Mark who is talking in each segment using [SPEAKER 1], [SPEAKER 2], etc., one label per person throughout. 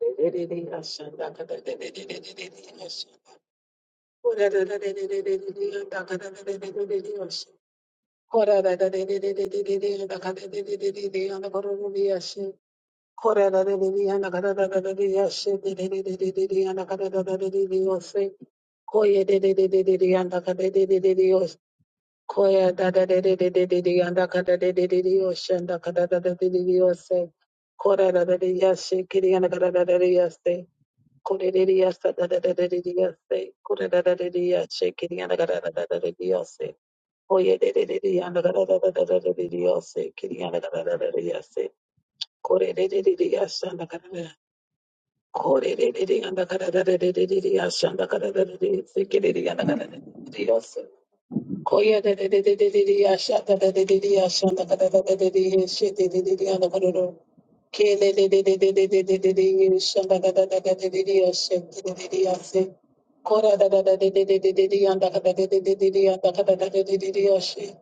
[SPEAKER 1] Kora da da da da yashe, kiri yana da da da da da yashe. Correria sadadadadadadia se corredadadadia shekiriana gadadadadadia se oyedadadadia nagadadadadadia se Oye da da da da da da da da da da da se. kiriana gadadadadia se corredadia shanda gadada corredadia nagadadadadia shanda gadadadadia se kiriana gadadadadia Koya de de de de de de de yasha da da de de de yasha da da da da de de yeshe de de de de yana kororo. Ke de de de de de de de de de de yesha da da da da da de de de yashe de de de de yase. Kora da da da de de de de de de yanda da da de de de de de yanda da da da de de de de yashe.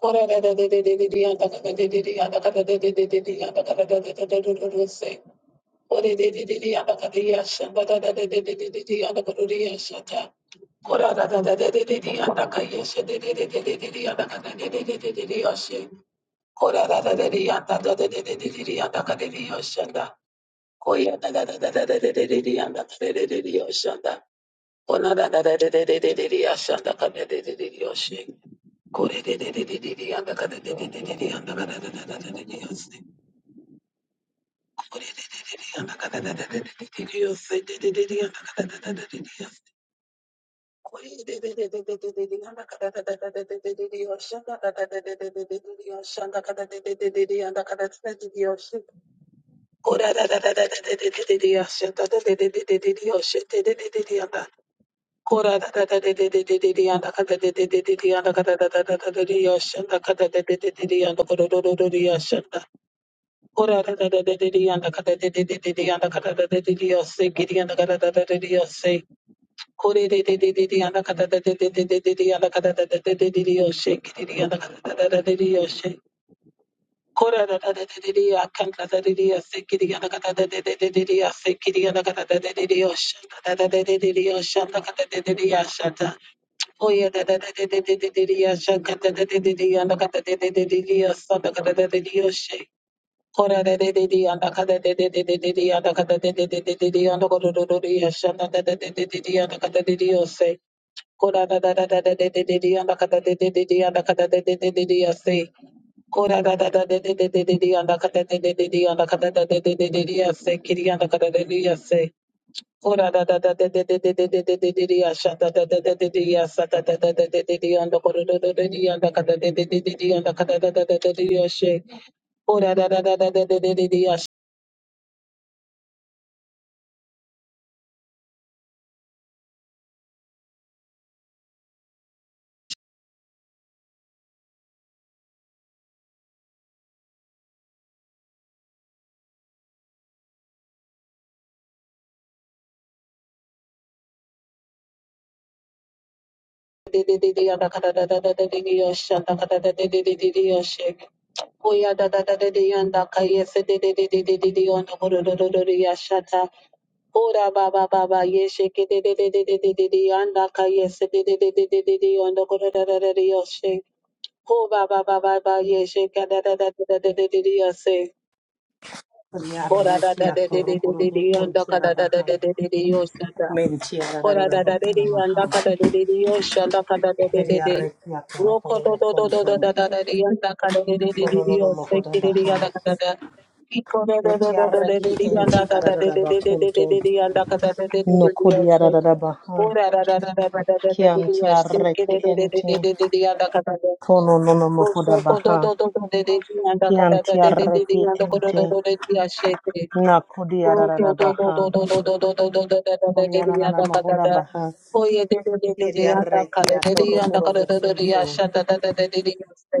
[SPEAKER 1] Kora da da de de de de de yanda da da de de de yanda da da de de de de yanda da da da da da da da da se. Kore de de de de de yanta kade yasanda da da da de de de de de yanta goruri yascha kora da da da da de de de de yanta kai yas de de de de de de yanta kade de de de de de yoshin kora da da de yanta da de de de de yanta kade yoshanda koi yanta da da da da da de de de de yanta de de de yoshanda ona da da da de de de de yanta de yosanda ka de de yoshanda kore de de de de de yanta kade de de de de yanta kade da da da da de yoshin Shanda Ora de de de de anda kada de de de de de de anda kada de de de de de de anda kada de de de yashanda da da de de de de anda kada de de yose. Ora da da da da da de de de de anda kada de de de de anda kada de de de de de yase. Ora da da da da Say, Ora da da da da da da da da da da da da da asha da da da da da da da asa da da da da da da da anda koro da da da da anda kada da da da da da anda kada da da da da da ashe ora da da da da da da da da da asha da da da da anda kada da da da da da da asha anda kada da da da da da da ashe oya da da da da da anda kaya se da da da da da da da anda koro da da da da asha ta ora ba ba ba ba ye she ke da da da da da da da anda kaya se da da da da da da da anda koro da da da da ashe Ko ba ba ba ba ba ye she ka da da da da da da da da da ya se. Ko da da da
[SPEAKER 2] Kuniarrekia
[SPEAKER 1] da da da da
[SPEAKER 2] torokoro
[SPEAKER 1] da da ya
[SPEAKER 2] bokon
[SPEAKER 1] nda ka
[SPEAKER 2] tiara
[SPEAKER 1] da da da
[SPEAKER 2] baha.
[SPEAKER 1] da da da da yo sha da.
[SPEAKER 2] mentiara
[SPEAKER 1] Ko
[SPEAKER 2] tiara
[SPEAKER 1] da
[SPEAKER 2] rara
[SPEAKER 1] da da da da
[SPEAKER 2] bokona
[SPEAKER 1] ya
[SPEAKER 2] maha.
[SPEAKER 1] nda ka da da da da yo sha da ka da da da da da.
[SPEAKER 2] Veriarrekia
[SPEAKER 1] Ro ko
[SPEAKER 2] torokoro
[SPEAKER 1] do do
[SPEAKER 2] bokon
[SPEAKER 1] do do
[SPEAKER 2] to.
[SPEAKER 1] do da da da da ya nda ka da da da da da da
[SPEAKER 2] Kononono
[SPEAKER 1] yo se
[SPEAKER 2] mokoda
[SPEAKER 1] ki da da
[SPEAKER 2] baha.
[SPEAKER 1] ya da ka da da. Ki ko da da da da da da da
[SPEAKER 2] Betiarreki
[SPEAKER 1] da ya
[SPEAKER 2] enti
[SPEAKER 1] nda ka da da
[SPEAKER 2] rara
[SPEAKER 1] da da da
[SPEAKER 2] bokon
[SPEAKER 1] da da
[SPEAKER 2] to.
[SPEAKER 1] da da ya nda ka da da da da da da ya
[SPEAKER 2] Nokodia
[SPEAKER 1] se.
[SPEAKER 2] rara baha.
[SPEAKER 1] Ko da da da da da da da da da
[SPEAKER 2] Kian
[SPEAKER 1] da da ya se ki
[SPEAKER 2] tiarreki
[SPEAKER 1] da da da da
[SPEAKER 2] enti.
[SPEAKER 1] da da da da ya nda ka da da.
[SPEAKER 2] Kononono
[SPEAKER 1] Oh
[SPEAKER 2] mokoda baha. Kian ente enti. Nakodia rara baha. Kunianana mokoda baha. Veriarrekia torokoro bokon to.
[SPEAKER 1] yeah,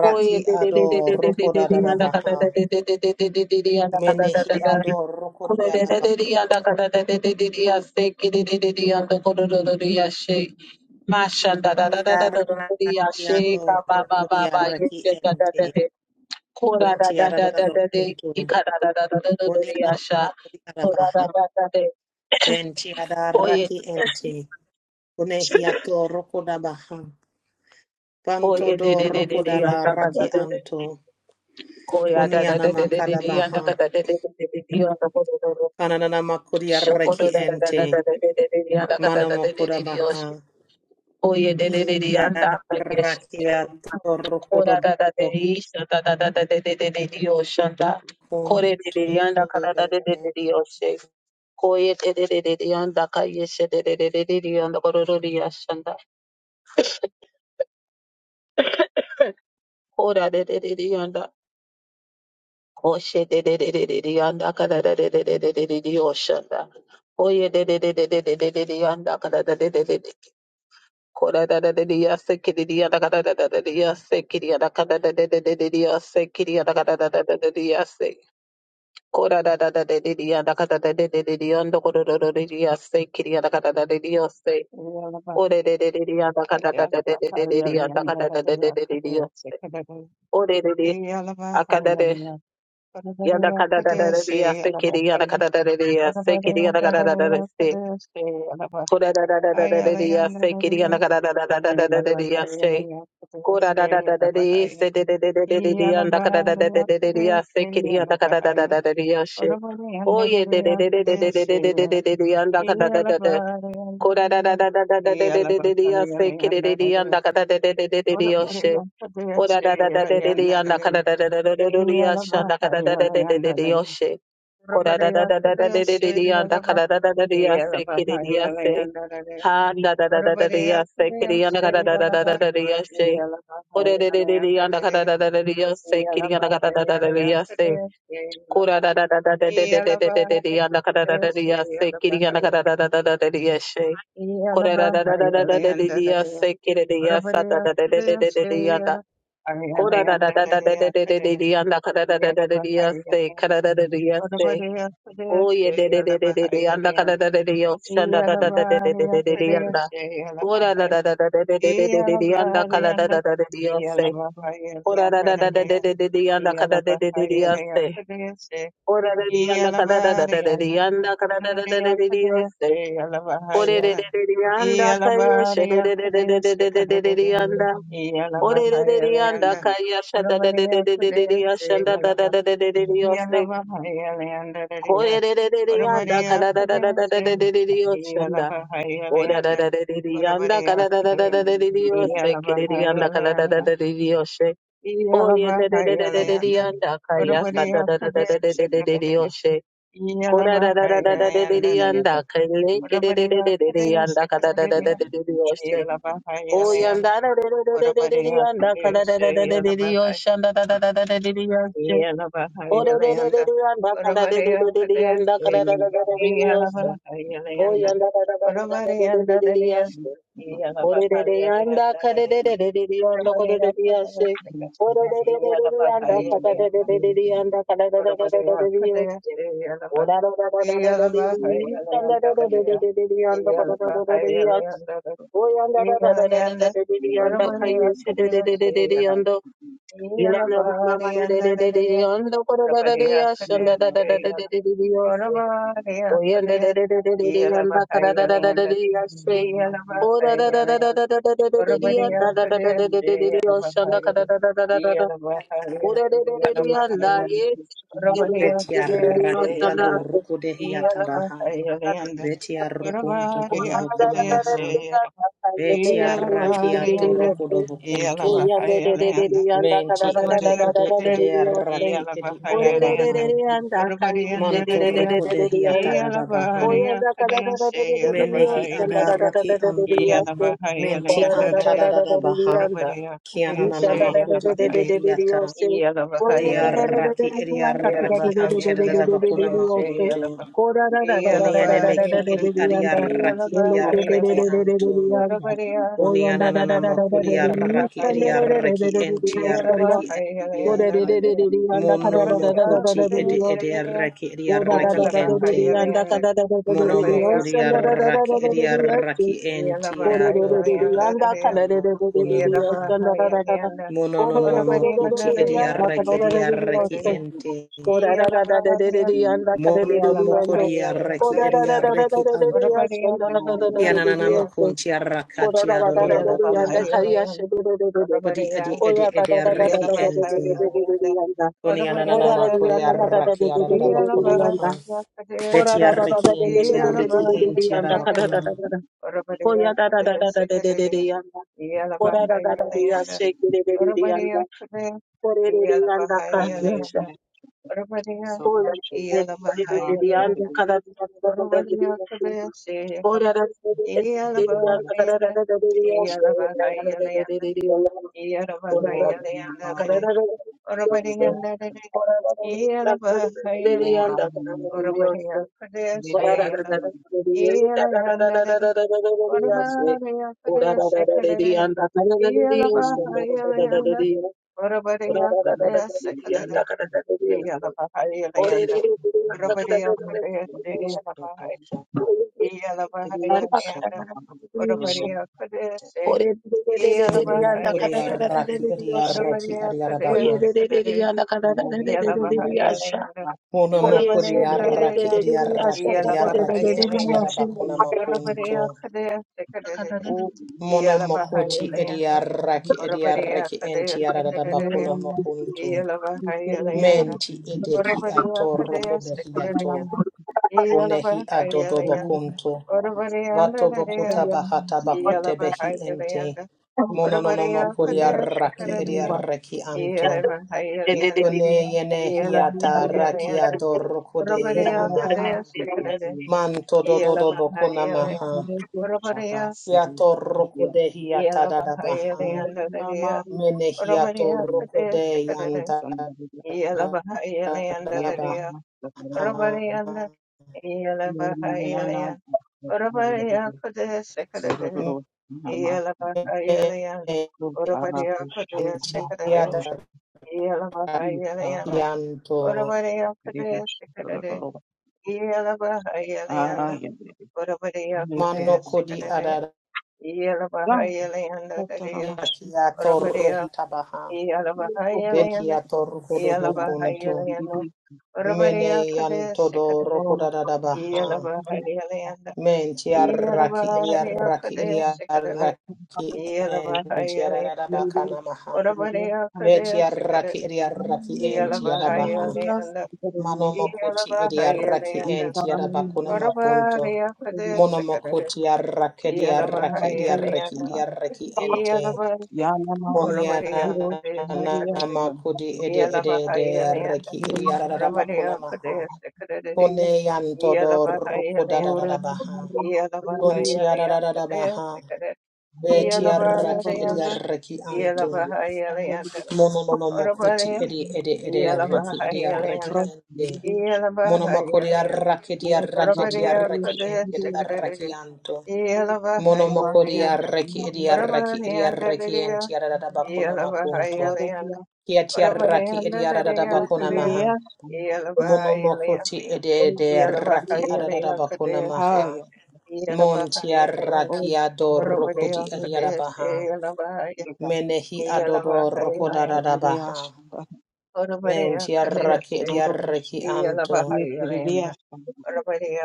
[SPEAKER 1] Oye, de de de de
[SPEAKER 2] ador
[SPEAKER 1] de de de de de anda cada
[SPEAKER 2] rokodadadabaha.
[SPEAKER 1] de de de de de de de de de anda cada de
[SPEAKER 2] Menehi
[SPEAKER 1] da da.
[SPEAKER 2] ador
[SPEAKER 1] Kule de de
[SPEAKER 2] rokodiadaba.
[SPEAKER 1] de de anda cada de de de de de ya ki de de de de anda kuru ru de ru ya she. Masha da da da da da da ru ru ru ya
[SPEAKER 2] Yaraki
[SPEAKER 1] ka
[SPEAKER 2] ador
[SPEAKER 1] ba ba ba ba ye
[SPEAKER 2] rokodiaraki
[SPEAKER 1] se da da da
[SPEAKER 2] ente.
[SPEAKER 1] de. Kura da da da da
[SPEAKER 2] Kuntiadadadaba
[SPEAKER 1] da de
[SPEAKER 2] kuntu.
[SPEAKER 1] ika da da da da da ru ru ru Kura da
[SPEAKER 2] Uniadabakodiadabaha.
[SPEAKER 1] da da de. Oye
[SPEAKER 2] Ventiadaraki ente. Kunehi ator rokodabaha. Banto
[SPEAKER 1] oye de
[SPEAKER 2] dor
[SPEAKER 1] de de de de anda cada
[SPEAKER 2] rokodadaraki
[SPEAKER 1] de de.
[SPEAKER 2] anto.
[SPEAKER 1] Koya da da da de de de de
[SPEAKER 2] Kunianamakadabaha.
[SPEAKER 1] anda cada de de de de de de anda kuru ru ru. Shoko
[SPEAKER 2] Anananamakodiaraki ente. Manamokodabaha.
[SPEAKER 1] Oye, de de de de de
[SPEAKER 2] Menti
[SPEAKER 1] de de de de yanda kada de de de de Kora da da da da ya se kiri da da da da da da ya se kiri da da da da da da da da se kiri da da da da da da se kora da da da da da da da da da da da da da da da da da se kiri da da da da da da se
[SPEAKER 3] Yalaba,
[SPEAKER 1] ore da da da da ya da da da da da da da da da da se ore da da akada da da da da da da da ya se kiri da da da da da ya se kiri da da da da da da se kora da da da da da da da se kiri da da da da da da da da se Kora da da da da de se de de de de de de de yanda kada da da da da de de ya se kiri yanda kada da da da da de ya she. Oye de de de de de de de de de de de de de yanda kada da da da. Kora da da da da da da de de de de de ya se kiri de de yanda kada da da da da de de
[SPEAKER 3] Ora
[SPEAKER 1] ya
[SPEAKER 3] bari
[SPEAKER 1] she.
[SPEAKER 3] yanta
[SPEAKER 1] Ora
[SPEAKER 3] deyashte
[SPEAKER 1] da da da
[SPEAKER 3] yala
[SPEAKER 1] de de de
[SPEAKER 3] yanda
[SPEAKER 1] yanda
[SPEAKER 3] nani
[SPEAKER 1] kada da da da da da de ya
[SPEAKER 3] yala
[SPEAKER 1] shanda
[SPEAKER 3] baha
[SPEAKER 1] kada da da
[SPEAKER 3] yala
[SPEAKER 1] da da de
[SPEAKER 3] yanda
[SPEAKER 1] de
[SPEAKER 3] nani
[SPEAKER 1] ya she.
[SPEAKER 3] ora
[SPEAKER 1] Kora da
[SPEAKER 3] bari
[SPEAKER 1] da da
[SPEAKER 3] yanta
[SPEAKER 1] da da de de de de
[SPEAKER 3] deyashte yala
[SPEAKER 1] yanda
[SPEAKER 3] ba
[SPEAKER 1] kada da da da de ya
[SPEAKER 3] yala
[SPEAKER 1] se kiri
[SPEAKER 3] baha
[SPEAKER 1] de ya
[SPEAKER 3] yala
[SPEAKER 1] se.
[SPEAKER 3] yanda nani
[SPEAKER 1] Ha da da da
[SPEAKER 3] ora
[SPEAKER 1] da da da
[SPEAKER 3] bari
[SPEAKER 1] ya
[SPEAKER 3] yanta
[SPEAKER 1] se kiri ya na ga
[SPEAKER 3] deyashte
[SPEAKER 1] da da da
[SPEAKER 3] yala
[SPEAKER 1] da da
[SPEAKER 3] ba
[SPEAKER 1] da da ya se.
[SPEAKER 3] yala baha
[SPEAKER 1] Ore de de
[SPEAKER 3] yala
[SPEAKER 1] de de
[SPEAKER 3] yanda
[SPEAKER 1] ya na ga
[SPEAKER 3] nani
[SPEAKER 1] da da da da da ya se
[SPEAKER 3] yala
[SPEAKER 1] kiri ya na ga
[SPEAKER 3] baha
[SPEAKER 1] da da da
[SPEAKER 3] yala
[SPEAKER 1] da da ya
[SPEAKER 3] yanta
[SPEAKER 1] se.
[SPEAKER 3] deyashte yala ba
[SPEAKER 1] Kura da da da da da da
[SPEAKER 3] yala
[SPEAKER 1] da da da da da
[SPEAKER 3] baha
[SPEAKER 1] da ya na ga
[SPEAKER 3] yanta
[SPEAKER 1] da da da da
[SPEAKER 3] deyashte
[SPEAKER 1] ya se
[SPEAKER 3] yala ba
[SPEAKER 1] kiri ya na ga da da da da da da da ya se.
[SPEAKER 3] yala
[SPEAKER 1] Kura da da da
[SPEAKER 3] baha
[SPEAKER 1] da da
[SPEAKER 3] yala
[SPEAKER 1] da da da
[SPEAKER 3] yanda
[SPEAKER 1] da ya
[SPEAKER 3] nani
[SPEAKER 1] se kiri da ya
[SPEAKER 3] ora
[SPEAKER 1] sa
[SPEAKER 3] bari
[SPEAKER 1] da da da
[SPEAKER 3] yanta
[SPEAKER 1] da da da da
[SPEAKER 3] deyashte
[SPEAKER 1] da ya da
[SPEAKER 3] yala ayala
[SPEAKER 1] Kura da da
[SPEAKER 3] yanda
[SPEAKER 1] da da da da da da da da ya na ga da da da
[SPEAKER 3] Yeah,
[SPEAKER 1] da da da ya se ka da da da da ya se. Oye de de de de de de ya na ga da da da da ya se da da da da da da da da da ya na. Ora da da da da da da da da da da yanda kada da da da da da yase. Ora da da da da da da da da yanda kada da da da da yase. Ora da da yanda kada da da da da da yanda kada da da da da da da yase.
[SPEAKER 4] Thank
[SPEAKER 1] Ore da da da da yanda kaya she da da da da da da da da da da da yanda. Ore da da da yanda kaya she da da da da da da da da yashe da da da da da da da da
[SPEAKER 3] Yeah.
[SPEAKER 1] yase. Ore da da da da yanda kada da da da da da da da da da yashe. O da da da da di di yanda ka da da da da da da di di yose ki di di yanda ka da da da da di di yoshe. O ye da da da da da da di yanda ka ya sa da da da da da da da da di di yoshe. Ko da da da da da da da di di yanda ka le ki di di di di di di yanda ka da da da da da di di yoshe. O yanda da da da da da da di di yanda ka da da da da da di di yoshe da da da da da da di di yoshe. O da da da da di yanda ka da da da da da di yanda ka da da da da da di
[SPEAKER 3] Yeah.
[SPEAKER 1] di yoshe. O yanda da da da da da da da di di yoshe. Orerereyanda karererereyanda korerereyashe. Orererereyanda kakarerereyanda karererereyashe. Orararararararariyanda rererereyanda korerereyashe. Oyanda rarararararariyanda kayeshe rererereyanda. Inanamamamarerereyanda korerereyashe. Rararararariyashe. Oh,
[SPEAKER 3] Yalabariya, Yalabariya, Kadeshe, Yalabariya,
[SPEAKER 1] Oh, yonder, there, there, there, yonder, da, da, da, da,
[SPEAKER 2] ede
[SPEAKER 1] da, da, da,
[SPEAKER 2] ede
[SPEAKER 1] da, da, da,
[SPEAKER 2] ede
[SPEAKER 1] you will say.
[SPEAKER 2] araki ede
[SPEAKER 1] Oh, there, there, there,
[SPEAKER 2] arabaha.
[SPEAKER 1] there, yonder, can you say, there,
[SPEAKER 2] Manto
[SPEAKER 1] there, there, there,
[SPEAKER 2] roko de
[SPEAKER 1] there, there,
[SPEAKER 2] hiata
[SPEAKER 1] yonder.
[SPEAKER 2] da da baha.
[SPEAKER 1] Oh, yonder, da, da, da, da, da, da, da, da, you will
[SPEAKER 2] Menehi
[SPEAKER 1] say, da, da, da, da,
[SPEAKER 2] adaraki
[SPEAKER 1] da, da, da, da, you
[SPEAKER 2] anto.
[SPEAKER 1] will say. Oh,
[SPEAKER 2] Menti
[SPEAKER 1] da, da, da, da, da,
[SPEAKER 3] Yalabahayalayandadadaya,
[SPEAKER 1] da, da, da,
[SPEAKER 2] antararabaha.
[SPEAKER 1] yonder.
[SPEAKER 2] Kianana makudi
[SPEAKER 3] Urabadiyakadeshayalavahaya,
[SPEAKER 2] edehiata.
[SPEAKER 3] Yalavahayalayanda,
[SPEAKER 2] Odiaraki ediaraki antararabakuna makuntu.
[SPEAKER 3] Yaravahayalayakadeshayalava,
[SPEAKER 2] Uniane meki
[SPEAKER 3] Yalavadiyanda,
[SPEAKER 2] edi adiaraki ediaraki
[SPEAKER 3] Yalavahayalayanda,
[SPEAKER 2] antu.
[SPEAKER 3] Urabadiya,
[SPEAKER 2] Unianana makudi araki
[SPEAKER 3] Yalavahayalayanda,
[SPEAKER 2] ediaraki entiaraki ente.
[SPEAKER 3] Yalavahayalayandadadaya,
[SPEAKER 2] Mono mokuti edi
[SPEAKER 3] Urabadiyakadeshayalava,
[SPEAKER 2] ediaraki ediaraki ente.
[SPEAKER 3] Yalavahayalayanda,
[SPEAKER 2] Mono mokudi araki
[SPEAKER 3] Urabadiyakadeshayalava,
[SPEAKER 1] Oh,
[SPEAKER 2] ediaraki
[SPEAKER 1] Oh, yeah, da da da
[SPEAKER 3] Yalavahayalayandadadaya,
[SPEAKER 1] da
[SPEAKER 3] Yeah.
[SPEAKER 2] entiadododododokunamaha. Mononono mokuti idiareki idiareki ente.
[SPEAKER 4] you.
[SPEAKER 2] Mono mokodi areki idiareki anto.
[SPEAKER 4] Thank you.
[SPEAKER 2] Kianana makunti arakati adododo bokuna maha. Kodi edi edi idiareki ente. Koni anana makuri araki adododo bokuna maha. Beti areki ente areki ente adabakuna.
[SPEAKER 1] da da da da da. Korarararariya shekererereriyanda
[SPEAKER 3] Varavaraya Kude,
[SPEAKER 1] korerereyanda kanyasha
[SPEAKER 3] Yalavahayalayanda, Varavaraya,
[SPEAKER 1] koyererereriyanda
[SPEAKER 3] Yalavahayalayanda, Varavaraya
[SPEAKER 1] kararararararariyasha
[SPEAKER 3] Kude, Shayalava, Yalavahayalayanda, Yalavahayalayanda,
[SPEAKER 1] korarararararariyanda
[SPEAKER 3] Yalavahayalayanda,
[SPEAKER 1] karararararariyasha
[SPEAKER 3] Varavarayanda,
[SPEAKER 1] korarararararariyanda
[SPEAKER 3] Yalavahayalayanda,
[SPEAKER 1] kararararararariyasha
[SPEAKER 3] Varavaraya Kude, Shayalava,
[SPEAKER 1] korarararararariyanda
[SPEAKER 3] Yalayanda,
[SPEAKER 1] karararararariyasha
[SPEAKER 3] Varavaraya Kude, Shekade, Yalavahayalayanda,
[SPEAKER 1] korarararararariyasha
[SPEAKER 3] Varavaraya Kude, Sekade,
[SPEAKER 1] Thank
[SPEAKER 3] Iyalabahayalanda, Urabariya Kudese, Iyalabahay, Iyalabahayalayanda, Urabariya Kudese,
[SPEAKER 2] Mono mokodi
[SPEAKER 3] Iyalabahayalayanda,
[SPEAKER 2] araki idiareki
[SPEAKER 3] Urabariya
[SPEAKER 2] adiarabaha.
[SPEAKER 3] Kudese Kudere,
[SPEAKER 4] Shaka
[SPEAKER 3] Iyalabahayalayanda,
[SPEAKER 2] Kona mokori
[SPEAKER 3] Urabariyanda
[SPEAKER 2] arraki
[SPEAKER 3] Deriya,
[SPEAKER 2] edi arraki edi arraki enti
[SPEAKER 3] Iyalabahayalayanda,
[SPEAKER 2] araba kona makunto.
[SPEAKER 3] Urabariya Kudese Kudere,
[SPEAKER 2] Mona mokoti edi
[SPEAKER 3] Iyalabahayalayanda,
[SPEAKER 2] arraki edi
[SPEAKER 3] Urabariya
[SPEAKER 2] arraki enti
[SPEAKER 3] Kudese
[SPEAKER 2] araba
[SPEAKER 3] Kudere,
[SPEAKER 2] kona makunto.
[SPEAKER 3] Iyalabahayalayanda,
[SPEAKER 2] Menti edeki
[SPEAKER 3] Urabariya
[SPEAKER 2] ato roko
[SPEAKER 3] Kudese
[SPEAKER 2] behi ato.
[SPEAKER 3] Kudere, Yeah,
[SPEAKER 2] Onehi adodo bakunto. Bato bokuta bahata bakute behi ente.
[SPEAKER 1] you.
[SPEAKER 2] Mono nono mokori arraki edi arraki anto.
[SPEAKER 1] Thank
[SPEAKER 2] Kone yene hiata arraki adoro kode yanamaha. Manto do do do bokuna maha. Hiato roko de hiata da da baha. Mene hiato roko de yanta
[SPEAKER 4] City.
[SPEAKER 2] da
[SPEAKER 4] Yeah,
[SPEAKER 2] da baha.
[SPEAKER 3] Yelavahayalayan, Urabadiakadaya
[SPEAKER 2] Mentia
[SPEAKER 3] Sikadade,
[SPEAKER 2] da
[SPEAKER 3] Yelavahayalayanda,
[SPEAKER 2] kianto.
[SPEAKER 3] Urabadiakadaya Sikadade, Yelavahayalayanda,
[SPEAKER 2] Mano
[SPEAKER 3] Urabadiakadaya
[SPEAKER 2] kodi
[SPEAKER 3] Sikadade,
[SPEAKER 2] adara
[SPEAKER 3] Yelavahayalayanda Dadaya,
[SPEAKER 2] kiato
[SPEAKER 3] Urabadia,
[SPEAKER 2] rohita baha. Ben
[SPEAKER 3] Yelavahayalayanda,
[SPEAKER 2] kiato roko do bokunto.
[SPEAKER 3] Yelavahayalayanda,
[SPEAKER 2] Mene
[SPEAKER 3] Urabadiakadaya
[SPEAKER 2] yanto do
[SPEAKER 3] Sikadade,
[SPEAKER 2] roko da da da baha.
[SPEAKER 3] Yelavahayalayanda,
[SPEAKER 2] Men tiaraki iriaraki
[SPEAKER 3] Yelavahayalayanda,
[SPEAKER 2] iriaraki enti
[SPEAKER 3] Yelavahayalayanda,
[SPEAKER 2] tiararabaka namaha.
[SPEAKER 3] Orabarea
[SPEAKER 2] Ve
[SPEAKER 3] Kadea
[SPEAKER 2] tiaraki
[SPEAKER 3] Sikaded,
[SPEAKER 2] iriaraki enti
[SPEAKER 3] Yelabahaya
[SPEAKER 2] arabaha.
[SPEAKER 3] Leanda,
[SPEAKER 2] Manomokuti
[SPEAKER 3] Yelabahaya
[SPEAKER 2] iriaraki
[SPEAKER 3] Leanda,
[SPEAKER 2] enti
[SPEAKER 4] Hallelujah.
[SPEAKER 2] arabakuna makunto.
[SPEAKER 3] Orabarea Kadea Sikaded,
[SPEAKER 2] Monomokuti araki iriaraki
[SPEAKER 3] Yelabahaya
[SPEAKER 2] iriaraki
[SPEAKER 3] Leanda,
[SPEAKER 2] iriaraki ente.
[SPEAKER 3] Yelabahaya, Orabarea Kadea
[SPEAKER 2] Oniana
[SPEAKER 3] Sikaded,
[SPEAKER 2] makudi ede ede ede
[SPEAKER 3] Yelabahaya Leanda,
[SPEAKER 2] araki iriarabakuna
[SPEAKER 3] Orabarea
[SPEAKER 2] maha.
[SPEAKER 3] Kadea Sikaded,
[SPEAKER 2] Kone yanto do
[SPEAKER 3] Yelabahaya Leanda,
[SPEAKER 2] rukudararabaha.
[SPEAKER 3] Yelabahaya Leanda, Kadea
[SPEAKER 2] Pontiararabaha,
[SPEAKER 3] Sikaded, Yelabahaya
[SPEAKER 2] Betiaraki
[SPEAKER 3] Leanda,
[SPEAKER 2] Ediaraki Anto,
[SPEAKER 3] Yelabahaya Leanda,
[SPEAKER 2] Mononomokuti
[SPEAKER 3] Orabarea,
[SPEAKER 2] Edi Edi Ediaraki
[SPEAKER 3] Yelabahaya
[SPEAKER 2] Ediaraki
[SPEAKER 3] Leanda,
[SPEAKER 2] Ente,
[SPEAKER 3] Yeah.
[SPEAKER 2] Monomokodiaraki Diaraki Diaraki Ente Daraki Anto, Monomokodiaraki Ediaraki Ediaraki Entiarabakuna Makunto, Kiatiaraki Ediarabakuna Maha, Monomokoti Ede Raki Adabakuna Maha. Monti
[SPEAKER 4] Oh,
[SPEAKER 2] arraki
[SPEAKER 4] Lord, Lord,
[SPEAKER 2] adoro kodi
[SPEAKER 4] Lord,
[SPEAKER 2] adiarabaha.
[SPEAKER 4] Lord,
[SPEAKER 2] Menehi adoro kodarabaha. Menti
[SPEAKER 4] Lord,
[SPEAKER 2] arraki adiarraki anto.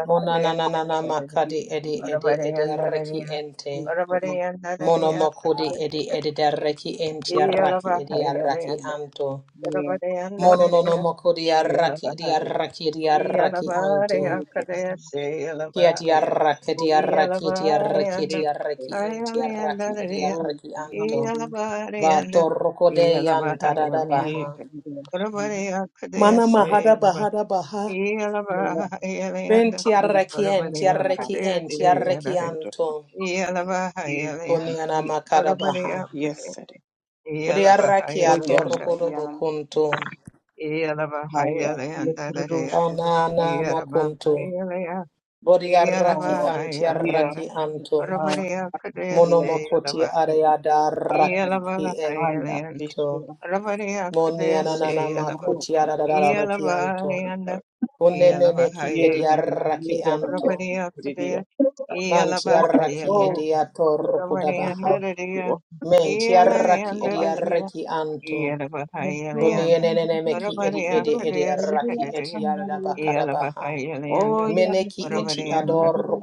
[SPEAKER 2] Monananana makadi edi edi edi arraki
[SPEAKER 3] Orabariyandadariya,
[SPEAKER 2] ente.
[SPEAKER 3] orabariyandadariya,
[SPEAKER 2] Monomokodi edi
[SPEAKER 3] kudadasika,
[SPEAKER 2] edi darraki enti arraki edi arraki
[SPEAKER 3] iyalabahayalanda,
[SPEAKER 2] anto.
[SPEAKER 3] orabariyandadariya,
[SPEAKER 2] Mononomokodi arraki edi
[SPEAKER 3] iyalabahaya,
[SPEAKER 2] arraki edi arraki
[SPEAKER 3] iyalabareya,
[SPEAKER 2] anto.
[SPEAKER 3] kudadasi,
[SPEAKER 2] Kia di
[SPEAKER 3] iyalabahaya,
[SPEAKER 2] arraki di
[SPEAKER 4] Lord,
[SPEAKER 2] arraki di arraki
[SPEAKER 3] iyalabareyanda,
[SPEAKER 2] di arraki enti arraki edi
[SPEAKER 3] ayaliyandadariya,
[SPEAKER 2] arraki anto.
[SPEAKER 3] iyalabareyanda,
[SPEAKER 2] Vato rokodeyan tadada
[SPEAKER 3] iyalabahayalanda,
[SPEAKER 2] baha.
[SPEAKER 3] orabareya,
[SPEAKER 2] Mana
[SPEAKER 3] kudadasi,
[SPEAKER 2] mahada
[SPEAKER 3] iyalaba-
[SPEAKER 2] bahada baha. Ben
[SPEAKER 3] iyalabahayalanda,
[SPEAKER 2] tiarrekien,
[SPEAKER 3] orabareya,
[SPEAKER 2] tiarrekien,
[SPEAKER 3] kudadasi, iyalaba-
[SPEAKER 2] tiarrekianto.
[SPEAKER 3] iyalabahayalanda,
[SPEAKER 2] Kuniana makada baha.
[SPEAKER 3] Orabariya
[SPEAKER 4] Yes,
[SPEAKER 3] Pade,
[SPEAKER 4] sir. oh yes,
[SPEAKER 2] Bodiarrakiato
[SPEAKER 3] Yalabahayalayanda,
[SPEAKER 4] sir. yeah,
[SPEAKER 2] rokodobo bokunto.
[SPEAKER 4] I am. You
[SPEAKER 3] Yalabahayalayandadadaya,
[SPEAKER 4] produce.
[SPEAKER 2] Anana makunto.
[SPEAKER 3] Yalabahayalayanda,
[SPEAKER 2] Budi arraki
[SPEAKER 4] No,
[SPEAKER 2] anti
[SPEAKER 3] Yalabahayalayanda,
[SPEAKER 2] antiarraki anto.
[SPEAKER 3] Orabariya
[SPEAKER 4] yeah,
[SPEAKER 3] Kadesi,
[SPEAKER 2] Monomokoti
[SPEAKER 3] Yalabahaya,
[SPEAKER 2] areada
[SPEAKER 4] Ay,
[SPEAKER 2] raki
[SPEAKER 4] vaya, que
[SPEAKER 3] Yalabahayalayanda,
[SPEAKER 2] ento.
[SPEAKER 4] esto,
[SPEAKER 3] Orabariya
[SPEAKER 2] Moniana
[SPEAKER 4] oh,
[SPEAKER 3] Kadesi,
[SPEAKER 2] nana
[SPEAKER 3] Yalaba,
[SPEAKER 4] oh,
[SPEAKER 2] makuti arada raki anto.
[SPEAKER 3] Yalabahayalayanda,
[SPEAKER 2] Uneneneki
[SPEAKER 4] yeah,
[SPEAKER 3] Yalabahayalayanda,
[SPEAKER 4] yeah,
[SPEAKER 2] ediarraki
[SPEAKER 4] that I'm not
[SPEAKER 2] anto.
[SPEAKER 3] Orabariya
[SPEAKER 4] idiot.
[SPEAKER 3] Kadesi,
[SPEAKER 2] Van tiarraki
[SPEAKER 4] Oh,
[SPEAKER 3] Yalabahayalayanda,
[SPEAKER 2] ediator
[SPEAKER 4] it's
[SPEAKER 3] Orabariya
[SPEAKER 4] oh,
[SPEAKER 2] kodabaha. Men tiarraki
[SPEAKER 3] Dadadaya,
[SPEAKER 2] ediarraki anto.
[SPEAKER 3] Yelavahayalanda,
[SPEAKER 2] Tonienene meki edi
[SPEAKER 3] Urabariya
[SPEAKER 2] edi
[SPEAKER 3] Kadea
[SPEAKER 2] ediarraki
[SPEAKER 3] Sakadariya,
[SPEAKER 2] etiarabakarabaha.
[SPEAKER 3] Yelavahayalanda,
[SPEAKER 2] Meneki eti
[SPEAKER 3] Urabarianda,
[SPEAKER 2] ador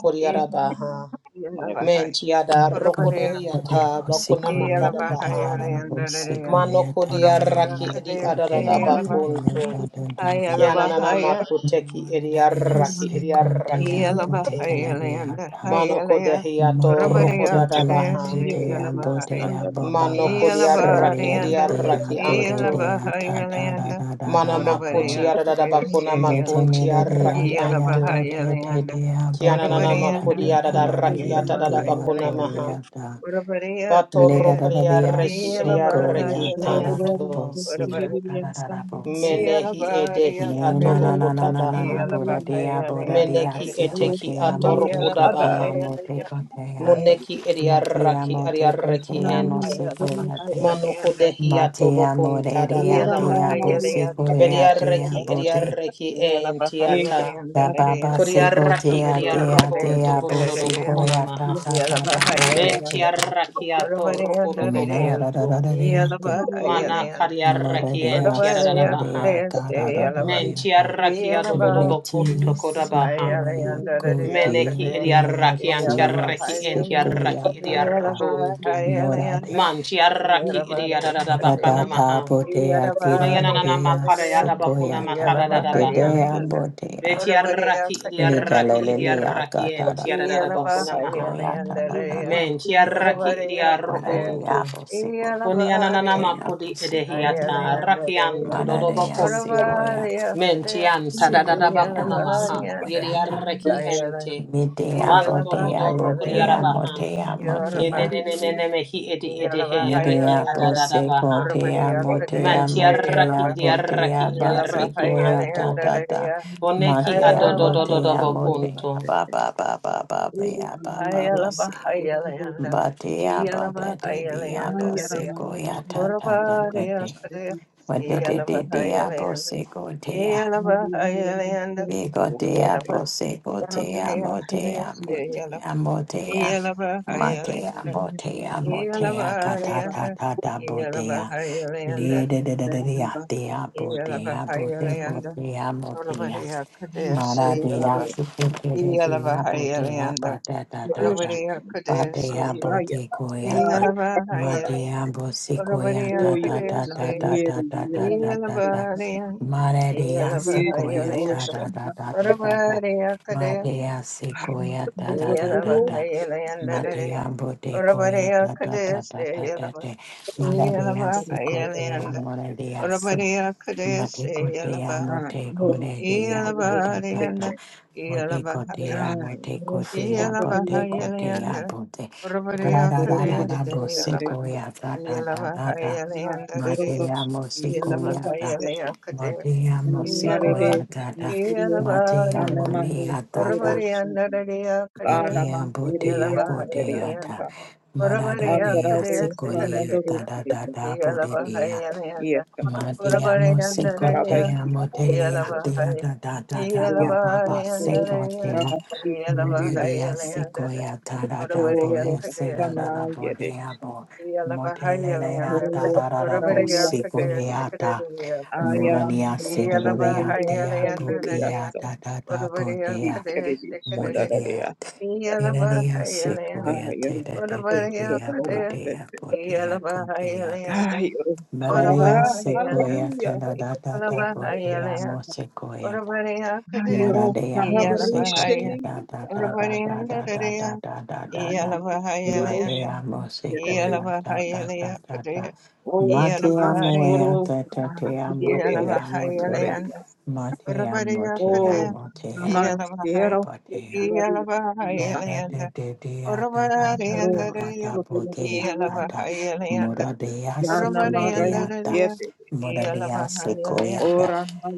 [SPEAKER 4] oh,
[SPEAKER 2] kodiarabaha.
[SPEAKER 4] oh,
[SPEAKER 2] Men
[SPEAKER 3] Yelavahai,
[SPEAKER 2] tiada
[SPEAKER 5] God,
[SPEAKER 3] Urabariya
[SPEAKER 5] that I
[SPEAKER 3] Kadea,
[SPEAKER 5] have
[SPEAKER 2] rokodiata
[SPEAKER 5] a
[SPEAKER 2] bakuna
[SPEAKER 5] sequoia,
[SPEAKER 2] makarabaha.
[SPEAKER 5] Tatarana,
[SPEAKER 3] Yelavahayalanda, Dadaya,
[SPEAKER 2] Mano
[SPEAKER 5] Sequoia,
[SPEAKER 3] Urabariya
[SPEAKER 2] kodiarraki
[SPEAKER 5] Tanana,
[SPEAKER 2] edi
[SPEAKER 3] Kadea,
[SPEAKER 5] Bodea, Tatea,
[SPEAKER 2] adarabakunto.
[SPEAKER 5] Tata, Tata,
[SPEAKER 2] Kianana
[SPEAKER 3] Yelavahayalabahaya,
[SPEAKER 2] makuteki
[SPEAKER 5] Monadea,
[SPEAKER 2] ediarraki ediarraki
[SPEAKER 4] oh,
[SPEAKER 5] Sequoia,
[SPEAKER 2] ente.
[SPEAKER 5] Bodeca,
[SPEAKER 3] Yelavahayalanda,
[SPEAKER 5] Ladiata,
[SPEAKER 2] Mano
[SPEAKER 3] Hayalaya,
[SPEAKER 2] kodehiator
[SPEAKER 5] Motea
[SPEAKER 3] Urabariya Kadea,
[SPEAKER 5] Titia,
[SPEAKER 2] kodadabaha.
[SPEAKER 5] Titia,
[SPEAKER 3] Yelavahai,
[SPEAKER 4] yeah,
[SPEAKER 5] Bodea,
[SPEAKER 2] Mano
[SPEAKER 5] Baba,
[SPEAKER 2] kodiaraki
[SPEAKER 4] Thank
[SPEAKER 5] Celia,
[SPEAKER 3] Yelavahayalanda,
[SPEAKER 5] Dea,
[SPEAKER 2] ediaraki anto.
[SPEAKER 5] Goredea, Tata, Tata,
[SPEAKER 3] Yelavahayalanda,
[SPEAKER 2] Mana
[SPEAKER 5] Tata, Bo.
[SPEAKER 2] makoti
[SPEAKER 3] Urabariya
[SPEAKER 2] adada bakuna
[SPEAKER 3] Kadea,
[SPEAKER 2] makunti
[SPEAKER 5] Metanida dea
[SPEAKER 2] araki
[SPEAKER 5] dea
[SPEAKER 2] anto.
[SPEAKER 5] bote te
[SPEAKER 3] Yelabahayalanda,
[SPEAKER 5] dea
[SPEAKER 2] Kianana
[SPEAKER 5] botea
[SPEAKER 3] Urabarayanda,
[SPEAKER 2] makodi
[SPEAKER 5] tata
[SPEAKER 2] adada
[SPEAKER 5] tala
[SPEAKER 2] raki
[SPEAKER 5] dea
[SPEAKER 2] atadada
[SPEAKER 5] dea
[SPEAKER 2] bakuna
[SPEAKER 3] Yelabahayalanda,
[SPEAKER 2] maha.
[SPEAKER 5] coleata. Le da
[SPEAKER 2] Batoro
[SPEAKER 3] Urabarayakadaya,
[SPEAKER 5] da da da
[SPEAKER 2] kodiaraki
[SPEAKER 5] so go ya
[SPEAKER 2] ediaraki
[SPEAKER 5] da da
[SPEAKER 3] Yelabahayalanda,
[SPEAKER 5] da da bo
[SPEAKER 2] anto.
[SPEAKER 5] si ya
[SPEAKER 3] Urabari,
[SPEAKER 5] da da da da bo si.
[SPEAKER 2] Menehi edehi
[SPEAKER 5] Ne na
[SPEAKER 3] Yelabarayakadaya,
[SPEAKER 2] atobo
[SPEAKER 5] na na na na na na
[SPEAKER 2] hotabaha.
[SPEAKER 5] bo da de ya bo da de
[SPEAKER 3] Yelabahayalanda,
[SPEAKER 5] ya
[SPEAKER 2] Meneki
[SPEAKER 5] si ko te
[SPEAKER 2] eteki
[SPEAKER 5] ya mo
[SPEAKER 2] atoro
[SPEAKER 5] te ko te ya
[SPEAKER 2] kodabaha.
[SPEAKER 5] mo te
[SPEAKER 3] Yelabahayalanda,
[SPEAKER 5] ko te ya.
[SPEAKER 3] Aya,
[SPEAKER 2] Muneki
[SPEAKER 5] Ma te ya
[SPEAKER 2] ediaraki
[SPEAKER 5] mo te ko te
[SPEAKER 2] adiaraki
[SPEAKER 5] ya mo
[SPEAKER 2] ente.
[SPEAKER 5] si ko ya te.
[SPEAKER 2] Mano
[SPEAKER 3] Ayalabahayalanda,
[SPEAKER 2] kodehi
[SPEAKER 5] Ma te
[SPEAKER 2] atobo
[SPEAKER 5] ya mo re re ya te
[SPEAKER 2] kuntadabaha.
[SPEAKER 5] ya bo si ko
[SPEAKER 3] Yelabahayalakadaya,
[SPEAKER 5] ya te ya
[SPEAKER 2] Bediarreki
[SPEAKER 5] bo
[SPEAKER 3] Sikadaya,
[SPEAKER 5] te.
[SPEAKER 2] ediarreki entiata.
[SPEAKER 5] Ba ba ba
[SPEAKER 3] Yelabahayalanda,
[SPEAKER 5] si ko te
[SPEAKER 2] Kodiarraki
[SPEAKER 5] ya te ya
[SPEAKER 3] Urabarayakadaya,
[SPEAKER 5] te
[SPEAKER 2] ediarrokonto
[SPEAKER 5] ya bo si ko ya
[SPEAKER 2] kododobokonamaha.
[SPEAKER 5] ta
[SPEAKER 2] maha.
[SPEAKER 5] ta ta ta ta bo
[SPEAKER 3] Sikadaya,
[SPEAKER 5] si ko.
[SPEAKER 2] Bentiarrakiato
[SPEAKER 5] Me na da
[SPEAKER 3] Orabariyandarariya,
[SPEAKER 5] da da da
[SPEAKER 2] rokodobokonto.
[SPEAKER 5] da de ya te.
[SPEAKER 2] Mana
[SPEAKER 3] Iyalabahayalayanda,
[SPEAKER 2] kariarraki
[SPEAKER 5] Moradea
[SPEAKER 2] entiaradabaha.
[SPEAKER 5] Sulea
[SPEAKER 3] Orabariyakadeyaseyalaba,
[SPEAKER 5] Garadoyata
[SPEAKER 2] Mentiarrakiato
[SPEAKER 3] Iyalabahayalayandaraririyakadaya,
[SPEAKER 5] Neti
[SPEAKER 2] dodobokonto kodabaha.
[SPEAKER 5] Sidoya Godia
[SPEAKER 2] Meneki
[SPEAKER 5] Doya
[SPEAKER 2] ediarraki
[SPEAKER 5] Tia
[SPEAKER 2] antiarraki
[SPEAKER 3] Iyalabahayala-
[SPEAKER 4] you.
[SPEAKER 5] Sikoya
[SPEAKER 2] entiarraki
[SPEAKER 5] Dada
[SPEAKER 2] ediarrokonto.
[SPEAKER 5] Morade
[SPEAKER 3] Iyalabahayalayanda,
[SPEAKER 4] Thank
[SPEAKER 2] Mantiarraki ediadadabakana
[SPEAKER 4] you.
[SPEAKER 3] Iyalabariyakadeyas,
[SPEAKER 5] Data
[SPEAKER 2] maha.
[SPEAKER 5] Botea
[SPEAKER 2] Kunianana
[SPEAKER 5] Tiradorea
[SPEAKER 2] makare
[SPEAKER 3] Iyalabariyandariya,
[SPEAKER 2] adabakuna
[SPEAKER 5] Sikoyata
[SPEAKER 2] makadadabaha.
[SPEAKER 5] Dedea
[SPEAKER 3] Iyalabahayalayanda,
[SPEAKER 5] Botea
[SPEAKER 2] Betiaraki idiaraki
[SPEAKER 5] Mitalelea
[SPEAKER 3] Orabariyakadeyasekadadariya,
[SPEAKER 2] idiaraki en
[SPEAKER 5] Gatada
[SPEAKER 2] tiarada bakuna maha.
[SPEAKER 5] Bosikoyata
[SPEAKER 3] Iyalabahayalayandariya,
[SPEAKER 5] Dada
[SPEAKER 2] Men
[SPEAKER 5] Botea
[SPEAKER 2] tiaraki
[SPEAKER 3] Orabariyakadaya,
[SPEAKER 2] idiarukuntu.
[SPEAKER 5] Moradea Bosikotea
[SPEAKER 2] Kunianana
[SPEAKER 3] Iyalabariyanda,
[SPEAKER 5] Motea
[SPEAKER 2] makudi
[SPEAKER 5] bosequoia.
[SPEAKER 2] edehiata
[SPEAKER 3] Ireland,
[SPEAKER 2] rakianto dodo
[SPEAKER 5] Malaria
[SPEAKER 2] bakuntu.
[SPEAKER 5] sequoiata,
[SPEAKER 3] Oravaria,
[SPEAKER 2] Men
[SPEAKER 3] Cadea,
[SPEAKER 2] tianta da
[SPEAKER 5] sequoia,
[SPEAKER 2] bakuna maha.
[SPEAKER 3] Yelavaria,
[SPEAKER 5] sequoiata,
[SPEAKER 2] Yediaraki
[SPEAKER 3] Ireland,
[SPEAKER 2] ente.
[SPEAKER 5] midea
[SPEAKER 2] Banto
[SPEAKER 3] Yelava,
[SPEAKER 5] botea,
[SPEAKER 2] dodor
[SPEAKER 3] Ireland,
[SPEAKER 5] botea,
[SPEAKER 2] kuriarabaha.
[SPEAKER 5] motea,
[SPEAKER 3] Yoraba,
[SPEAKER 5] motea,
[SPEAKER 2] Kenenenene mehi edi
[SPEAKER 3] Yelava,
[SPEAKER 2] edehe reki
[SPEAKER 5] midea
[SPEAKER 3] Ireland,
[SPEAKER 2] adadada baha.
[SPEAKER 5] bosecotea,
[SPEAKER 3] Oravaria, Cadea,
[SPEAKER 2] Men
[SPEAKER 5] motea,
[SPEAKER 2] tiaraki
[SPEAKER 5] motea,
[SPEAKER 3] Yelava,
[SPEAKER 2] idiaraki
[SPEAKER 5] botea, bat
[SPEAKER 3] Yelava,
[SPEAKER 2] idiaraki
[SPEAKER 5] sequoia,
[SPEAKER 3] Ireland,
[SPEAKER 2] anto.
[SPEAKER 5] da
[SPEAKER 3] Ireland,
[SPEAKER 5] da da,
[SPEAKER 2] Boneki
[SPEAKER 5] matea,
[SPEAKER 3] Ireland,
[SPEAKER 2] adododododo
[SPEAKER 5] motea, motea,
[SPEAKER 2] bakuntu.
[SPEAKER 5] ba ba ba ba ba ba ba ba ba sea.
[SPEAKER 3] Ireland,
[SPEAKER 5] Batea
[SPEAKER 3] Yelava,
[SPEAKER 5] bata de bia
[SPEAKER 3] Ireland,
[SPEAKER 5] bosecoia, ta ta ta ta
[SPEAKER 3] Oravaria,
[SPEAKER 5] te,
[SPEAKER 3] Cadea,
[SPEAKER 5] what did
[SPEAKER 3] Yelava,
[SPEAKER 5] it dea
[SPEAKER 3] Ireland,
[SPEAKER 5] bosecotea.
[SPEAKER 3] Yelava,
[SPEAKER 5] Bigotea,
[SPEAKER 3] Ireland,
[SPEAKER 5] bosegotea, motea, motea, motea, matea, botea, motea, katatata, botea, lede, botea, botea, botea, botea, botegotea, motea. Mara de Africa de Abotea
[SPEAKER 3] Yeah.
[SPEAKER 5] Batata
[SPEAKER 4] and
[SPEAKER 5] Tata
[SPEAKER 4] worship him.
[SPEAKER 5] Batea
[SPEAKER 4] Amahaya,
[SPEAKER 5] Bote
[SPEAKER 4] Yara,
[SPEAKER 5] Coyata
[SPEAKER 4] Yara,
[SPEAKER 5] Matea Bosicoya Tata
[SPEAKER 4] Oyo,
[SPEAKER 5] Tata Tata
[SPEAKER 4] Nayeru, Yara,
[SPEAKER 5] Tata Tata Mara de Asicoya
[SPEAKER 4] Yedigosha,
[SPEAKER 5] Tata Tata Tata Matea Secoya
[SPEAKER 3] Yalaba,
[SPEAKER 5] Tata Tata Matea Bote Coya Tata Tata Tata Mara de Asicotea Mora de Matikotea,
[SPEAKER 4] Ah, Nora,
[SPEAKER 5] motekotea, ta ta ta ta. Motekotea, motekotea, potekotea, pote. Mararararara, bosekoea, ta ta ta ta ta. Matea, mosekoea, ta.
[SPEAKER 4] Ay,
[SPEAKER 5] Matea,
[SPEAKER 4] Namare
[SPEAKER 5] mosekoea, ta ta.
[SPEAKER 4] Shukriya,
[SPEAKER 5] Matea,
[SPEAKER 4] Hanamando
[SPEAKER 5] molea, ta ta.
[SPEAKER 4] Surusha, Sanama
[SPEAKER 5] Edea, botea,
[SPEAKER 4] Kiriya,
[SPEAKER 5] kotea, ta.
[SPEAKER 4] Deriyasa,
[SPEAKER 3] Ora bara ya
[SPEAKER 5] Marararea,
[SPEAKER 3] kdeya
[SPEAKER 4] Nandarado,
[SPEAKER 3] se
[SPEAKER 5] sekolea,
[SPEAKER 4] Ramadoro
[SPEAKER 5] ta
[SPEAKER 3] kadeya?
[SPEAKER 5] ta ta
[SPEAKER 4] Kiriya,
[SPEAKER 5] ta,
[SPEAKER 3] Iya lava hai
[SPEAKER 5] potetea.
[SPEAKER 3] ya nanda.
[SPEAKER 4] Yesa,
[SPEAKER 5] Ma te
[SPEAKER 3] Ora bara
[SPEAKER 5] amo
[SPEAKER 3] ya nanda
[SPEAKER 5] seco
[SPEAKER 3] leya.
[SPEAKER 5] te
[SPEAKER 4] Karabaiki,
[SPEAKER 5] amo te
[SPEAKER 3] Iya
[SPEAKER 5] lea te
[SPEAKER 3] lava hai.
[SPEAKER 5] da da da
[SPEAKER 3] Iya
[SPEAKER 5] da ba
[SPEAKER 4] Kiriya,
[SPEAKER 3] lava
[SPEAKER 5] ba ba
[SPEAKER 3] ya nanda
[SPEAKER 4] Suru,
[SPEAKER 5] seco
[SPEAKER 3] leya.
[SPEAKER 5] te
[SPEAKER 4] Karabashi,
[SPEAKER 3] Iya
[SPEAKER 5] a
[SPEAKER 3] lava
[SPEAKER 5] mole
[SPEAKER 4] Kiriya,
[SPEAKER 5] de
[SPEAKER 3] hai ya
[SPEAKER 5] a
[SPEAKER 4] Sandra,
[SPEAKER 3] nanda.
[SPEAKER 5] seco e a ta da
[SPEAKER 3] Ora
[SPEAKER 5] da
[SPEAKER 3] bara
[SPEAKER 5] bo
[SPEAKER 3] ya
[SPEAKER 4] Oro,
[SPEAKER 5] e se
[SPEAKER 3] kdeya
[SPEAKER 5] da
[SPEAKER 3] se?
[SPEAKER 5] da da
[SPEAKER 4] Sana,
[SPEAKER 5] bo de a
[SPEAKER 4] Yedesha,
[SPEAKER 5] bo
[SPEAKER 3] Iya
[SPEAKER 5] mo
[SPEAKER 3] lava
[SPEAKER 5] te
[SPEAKER 3] hai ya
[SPEAKER 5] le le a
[SPEAKER 3] nanda.
[SPEAKER 5] ta
[SPEAKER 4] Hero,
[SPEAKER 5] da da
[SPEAKER 3] Ora
[SPEAKER 5] da
[SPEAKER 3] bara
[SPEAKER 5] bo
[SPEAKER 3] ya
[SPEAKER 4] Raliya,
[SPEAKER 5] seco
[SPEAKER 3] kdeya
[SPEAKER 5] le
[SPEAKER 4] Sete,
[SPEAKER 3] se
[SPEAKER 5] a ta
[SPEAKER 3] kadeya?
[SPEAKER 5] mura ni
[SPEAKER 4] Ayaramando,
[SPEAKER 5] se
[SPEAKER 3] Iya
[SPEAKER 5] da do
[SPEAKER 3] lava
[SPEAKER 5] de a
[SPEAKER 4] Shandariya,
[SPEAKER 3] hai ya
[SPEAKER 5] te a bo
[SPEAKER 4] Sandariya,
[SPEAKER 5] ke a
[SPEAKER 3] nanda.
[SPEAKER 5] da da
[SPEAKER 3] Ora
[SPEAKER 5] da
[SPEAKER 3] bara
[SPEAKER 5] bo
[SPEAKER 3] ya
[SPEAKER 5] de a
[SPEAKER 4] Kiriya,
[SPEAKER 5] mo re
[SPEAKER 3] kdeya?
[SPEAKER 5] de a
[SPEAKER 4] Shandariya,
[SPEAKER 3] Iya
[SPEAKER 5] e da seco e a te
[SPEAKER 4] Hallelujah.
[SPEAKER 5] da de de de a bo de a bo de a
[SPEAKER 3] lava
[SPEAKER 5] ko
[SPEAKER 3] hai
[SPEAKER 5] de
[SPEAKER 3] ya
[SPEAKER 5] a
[SPEAKER 3] nanda.
[SPEAKER 5] Maradeya
[SPEAKER 3] Orabarayana,
[SPEAKER 5] sequoia
[SPEAKER 4] Hallelujah.
[SPEAKER 5] tada da da
[SPEAKER 1] you.
[SPEAKER 5] da bodea
[SPEAKER 3] Ikalabahayalayan,
[SPEAKER 5] mo sequoia.
[SPEAKER 3] Orabarayakadea,
[SPEAKER 5] Moradea boseco de
[SPEAKER 3] Iyalabahaya,
[SPEAKER 5] da da da da da da da
[SPEAKER 3] Orabarayandadadea,
[SPEAKER 5] da da da da da.
[SPEAKER 3] Iyalabahayalayanda,
[SPEAKER 5] Madea mo sequoia da da da da da.
[SPEAKER 3] Iyalabahayalayakadea,
[SPEAKER 4] Oh,
[SPEAKER 5] Matea
[SPEAKER 4] God,
[SPEAKER 3] Iyalabaharayan,
[SPEAKER 5] moea
[SPEAKER 4] sure.
[SPEAKER 5] da da te amo te amo te
[SPEAKER 3] Iyalabahayalayanda,
[SPEAKER 5] Matea motea
[SPEAKER 3] Orabarayakadea,
[SPEAKER 4] Oh,
[SPEAKER 5] motea
[SPEAKER 4] I'm scared
[SPEAKER 5] motea
[SPEAKER 3] Iyalabahaya,
[SPEAKER 4] of
[SPEAKER 5] motea. Da da da
[SPEAKER 3] Iyalabahayalayanda,
[SPEAKER 5] da da da da da da da
[SPEAKER 3] Orabarayandadadea,
[SPEAKER 5] da bodea da da
[SPEAKER 3] Iyalabahayalayanda,
[SPEAKER 5] moradea
[SPEAKER 4] Yana Mara
[SPEAKER 5] secoledea da
[SPEAKER 3] Orabarayandadadea,
[SPEAKER 4] Yeti,
[SPEAKER 5] moradea secoia
[SPEAKER 3] Iyalabahayalayanda,
[SPEAKER 5] da